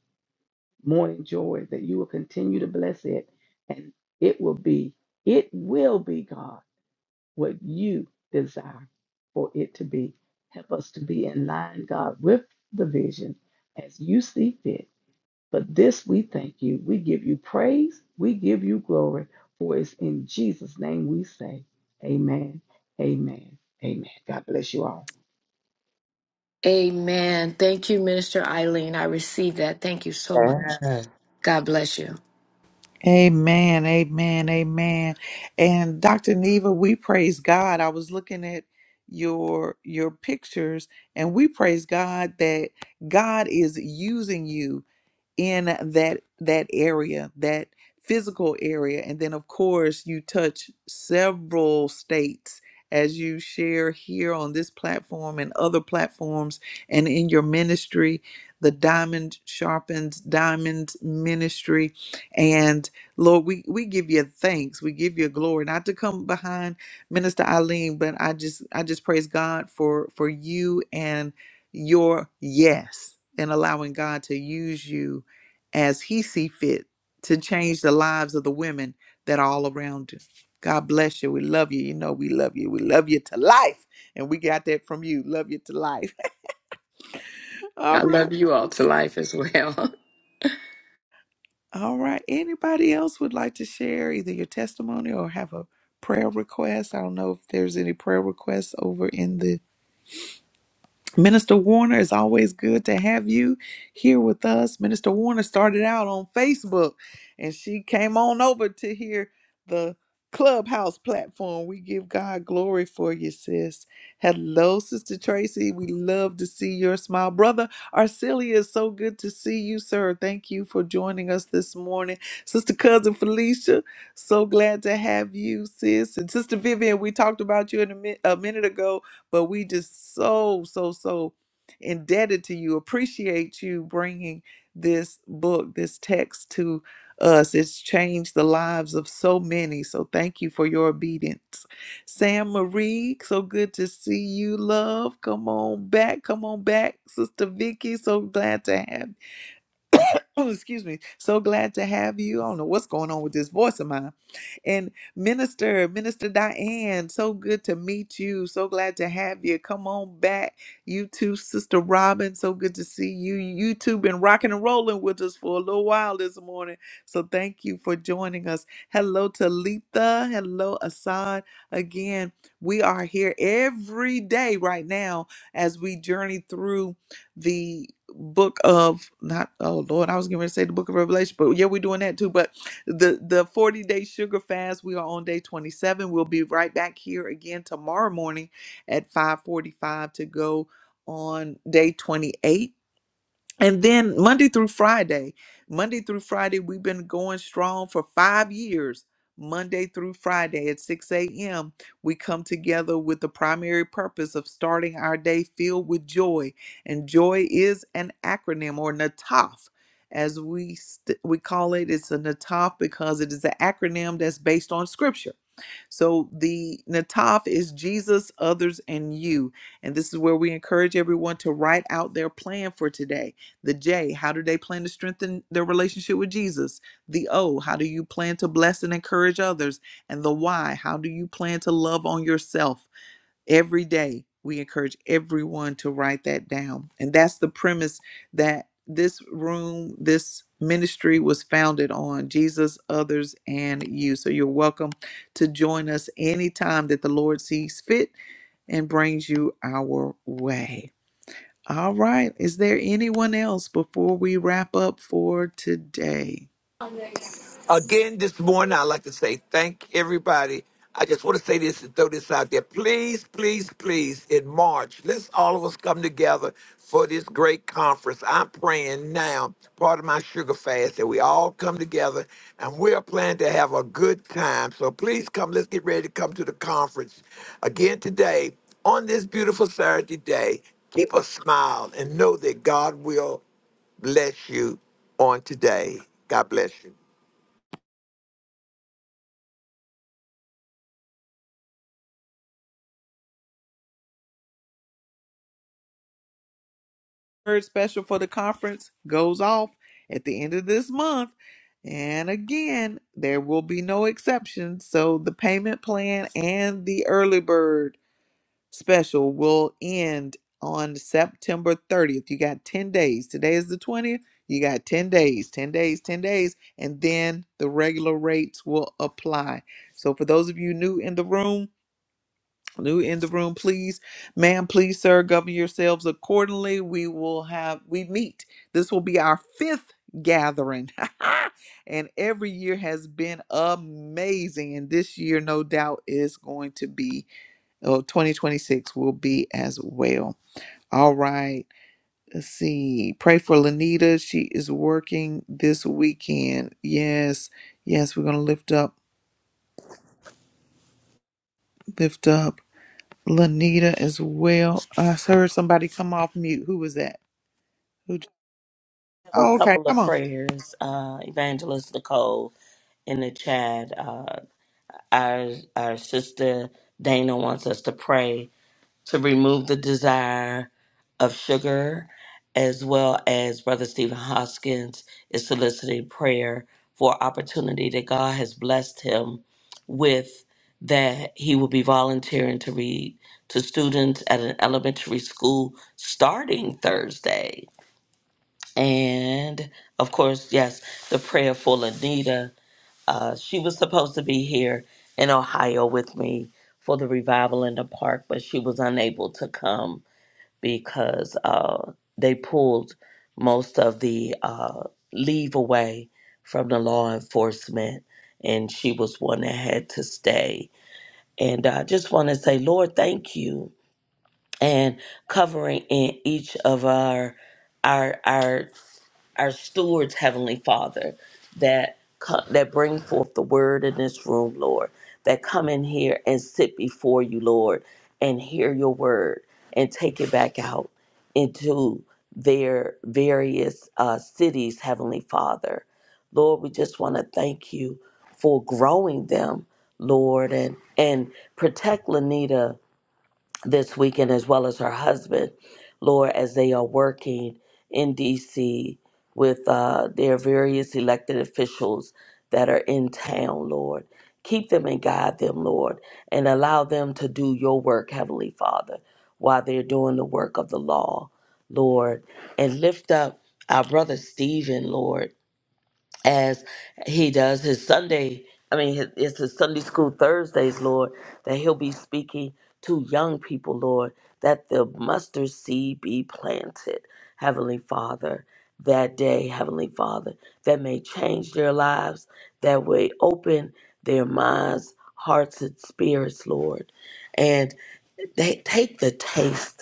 [SPEAKER 10] Morning Joy, that you will continue to bless it and it will be it will be, God, what you desire for it to be. Help us to be in line, God, with the vision as you see fit But this we thank you. We give you praise. We give you glory. For it's in Jesus' name we say, Amen, Amen, Amen. God bless you all.
[SPEAKER 9] Amen. Thank you, Minister Eileen. I received that. Thank you so much. God bless you.
[SPEAKER 1] Amen, amen, amen. And Dr. Neva, we praise God. I was looking at your your pictures and we praise God that God is using you in that that area that physical area and then of course you touch several states as you share here on this platform and other platforms and in your ministry the diamond sharpens diamond ministry and lord we we give you thanks we give you glory not to come behind minister eileen but i just i just praise god for for you and your yes and allowing god to use you as he see fit to change the lives of the women that are all around you. God bless you. We love you. You know we love you. We love you to life. And we got that from you. Love you to life. (laughs) all
[SPEAKER 9] I
[SPEAKER 1] right.
[SPEAKER 9] love you all to life as well. (laughs)
[SPEAKER 1] All right. Anybody else would like to share either your testimony or have a prayer request? I don't know if there's any prayer requests over in the Minister Warner, it's always good to have you here with us. Minister Warner started out on Facebook and she came on over to hear the Clubhouse platform. We give God glory for you, sis. Hello, Sister Tracy. We love to see your smile. Brother Arcelia, it's so good to see you, sir. Thank you for joining us this morning. Sister Cousin Felicia, so glad to have you, sis. And Sister Vivian, we talked about you in a, mi- a minute ago but we just so, so, so indebted to you, appreciate you bringing this book, this text to us. It's changed the lives of so many. So thank you for your obedience. Sam Marie, so good to see you, love. Come on back. Come on back, Sister Vicky. So glad to have (coughs) (clears throat) excuse me so glad to have you i don't know what's going on with this voice of mine and minister minister diane so good to meet you so glad to have you come on back you too sister robin so good to see you you two been rocking and rolling with us for a little while this morning so thank you for joining us hello talitha hello assad again we are here every day right now as we journey through the book of not oh lord i was going to say the book of revelation but yeah we're doing that too but the the 40 day sugar fast we are on day 27 we'll be right back here again tomorrow morning at 5:45 to go on day 28 and then Monday through Friday, Monday through Friday, we've been going strong for five years. Monday through Friday at 6 a.m., we come together with the primary purpose of starting our day filled with joy. And joy is an acronym or NATOF. As we st- we call it, it's a NATOF because it is an acronym that's based on scripture. So the Nataf is Jesus, others, and you. And this is where we encourage everyone to write out their plan for today. The J, how do they plan to strengthen their relationship with Jesus? The O, how do you plan to bless and encourage others? And the Y, how do you plan to love on yourself? every day we encourage everyone to write that down and that's the premise that this room this ministry was founded on jesus others and you so you're welcome to join us anytime that the lord sees fit and brings you our way all right is there anyone else before we wrap up for today
[SPEAKER 3] Again, this morning, I'd like to say thank everybody. I just want to say this and throw this out there. Please, please, please, in March, let's all of us come together for this great conference. I'm praying now, part of my sugar fast, that we all come together and we're planning to have a good time. So please come, let's get ready to come to the conference again today on this beautiful Saturday day. Keep a smile and know that God will bless you on today. God bless you.
[SPEAKER 1] Bird special for the conference goes off at the end of this month. And again, there will be no exceptions. So the payment plan and the early bird special will end on September 30th. You got 10 days. Today is the 20th. You got 10 days, 10 days, 10 days, and then the regular rates will apply. So for those of you new in the room, New in the room, please, ma'am, please, sir, govern yourselves accordingly. We will have, we meet. This will be our fifth gathering. (laughs) and every year has been amazing. And this year, no doubt, is going to be, Oh, 2026 will be as well. All right. Let's see. Pray for Lanita. She is working this weekend. Yes. Yes. We're going to lift up, lift up. Lanita as well. I heard somebody come off mute. Who was that? Who? j-
[SPEAKER 4] have a
[SPEAKER 1] Oh, okay.
[SPEAKER 4] couple
[SPEAKER 1] Come
[SPEAKER 4] of
[SPEAKER 1] on.
[SPEAKER 4] prayers, uh, Evangelist Nicole in the chat. Uh, our our sister Dana wants us to pray to remove the desire of sugar, as well as Brother Stephen Hoskins is soliciting prayer for opportunity that God has blessed him with. That he will be volunteering to read to students at an elementary school starting Thursday and of course, yes, the prayerful Anita. Uh, she was supposed to be here in Ohio with me for the revival in the park, but she was unable to come because uh, they pulled most of the uh, leave away from the law enforcement, and she was one that had to stay. And I just want to say, Lord, thank you, and covering in each of our our our our stewards, Heavenly Father, that co- that bring forth the word in this room, Lord, that come in here and sit before you, Lord, and hear your word and take it back out into their various uh, cities, Heavenly Father. Lord, we just want to thank you for growing them, Lord, and and protect Lanita this weekend, as well as her husband, Lord, as they are working in DC with uh, their various elected officials that are in town, Lord. Keep them and guide them, Lord, and allow them to do your work, Heavenly Father, while they're doing the work of the law, Lord. And lift up our brother Stephen, Lord as he does his Sunday. I mean, his- it's his Sunday school Thursdays, Lord, that he'll be speaking to young people, Lord, that the mustard seed be planted, Heavenly Father, that day, Heavenly Father, that may change their lives, that way open their minds, hearts, and spirits, Lord, and they take the taste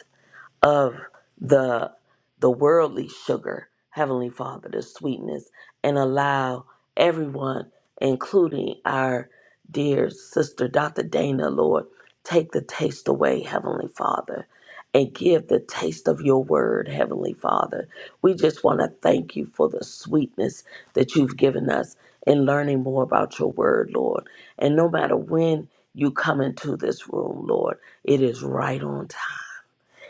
[SPEAKER 4] of the the worldly sugar, Heavenly Father, the sweetness, and allow everyone, including our dear sister Dr. Dana, Lord, take the taste away, Heavenly Father, and give the taste of your word, Heavenly Father. We just want to thank you for the sweetness that you've given us in learning more about your word, Lord. And no matter when you come into this room, Lord, it is right on time.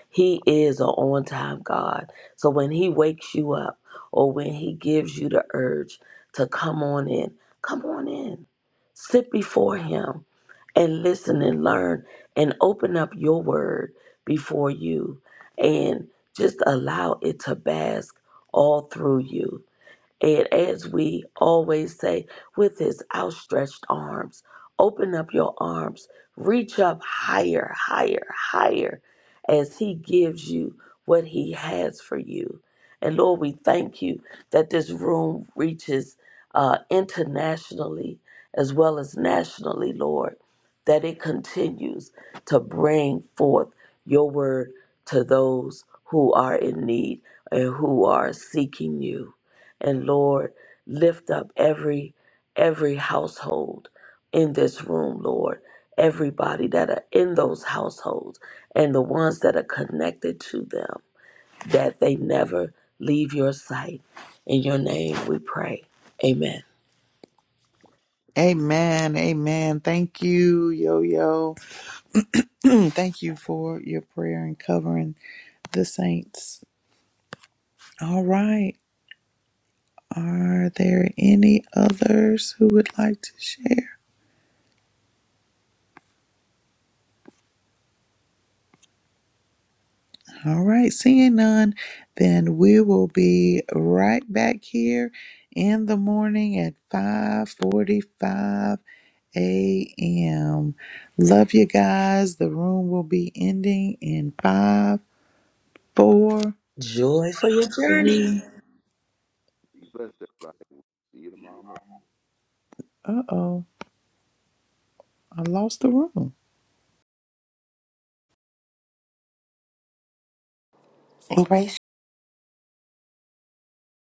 [SPEAKER 4] He is an on time God. So when He wakes you up or when He gives you the urge to come on in, come on in. Sit before Him and listen and learn and open up your word before you and just allow it to bask all through you and as we always say, with his outstretched arms, open up your arms, reach up higher, higher, higher as he gives you what he has for you. And Lord, we thank you that this room reaches uh, internationally as well as nationally, Lord, that it continues to bring forth your word to those who are in need and who are seeking you and Lord, lift up every every household in this room, Lord. Everybody that are in those households and the ones that are connected to them, that they never leave your sight. In your name we pray. Amen.
[SPEAKER 1] Amen. Amen. Thank you, Yo Yo. (clears throat) Thank you for your prayer and covering the saints. All right. Are there any others who would like to share? All right. Seeing none, then we will be right back here in the morning at 5:45 a.m. Love you guys. The room will be ending in five, four.
[SPEAKER 4] Joy for your journey.
[SPEAKER 8] Be blessed, everybody. see you tomorrow morning.
[SPEAKER 1] Uh oh, I lost the room.
[SPEAKER 11] And grace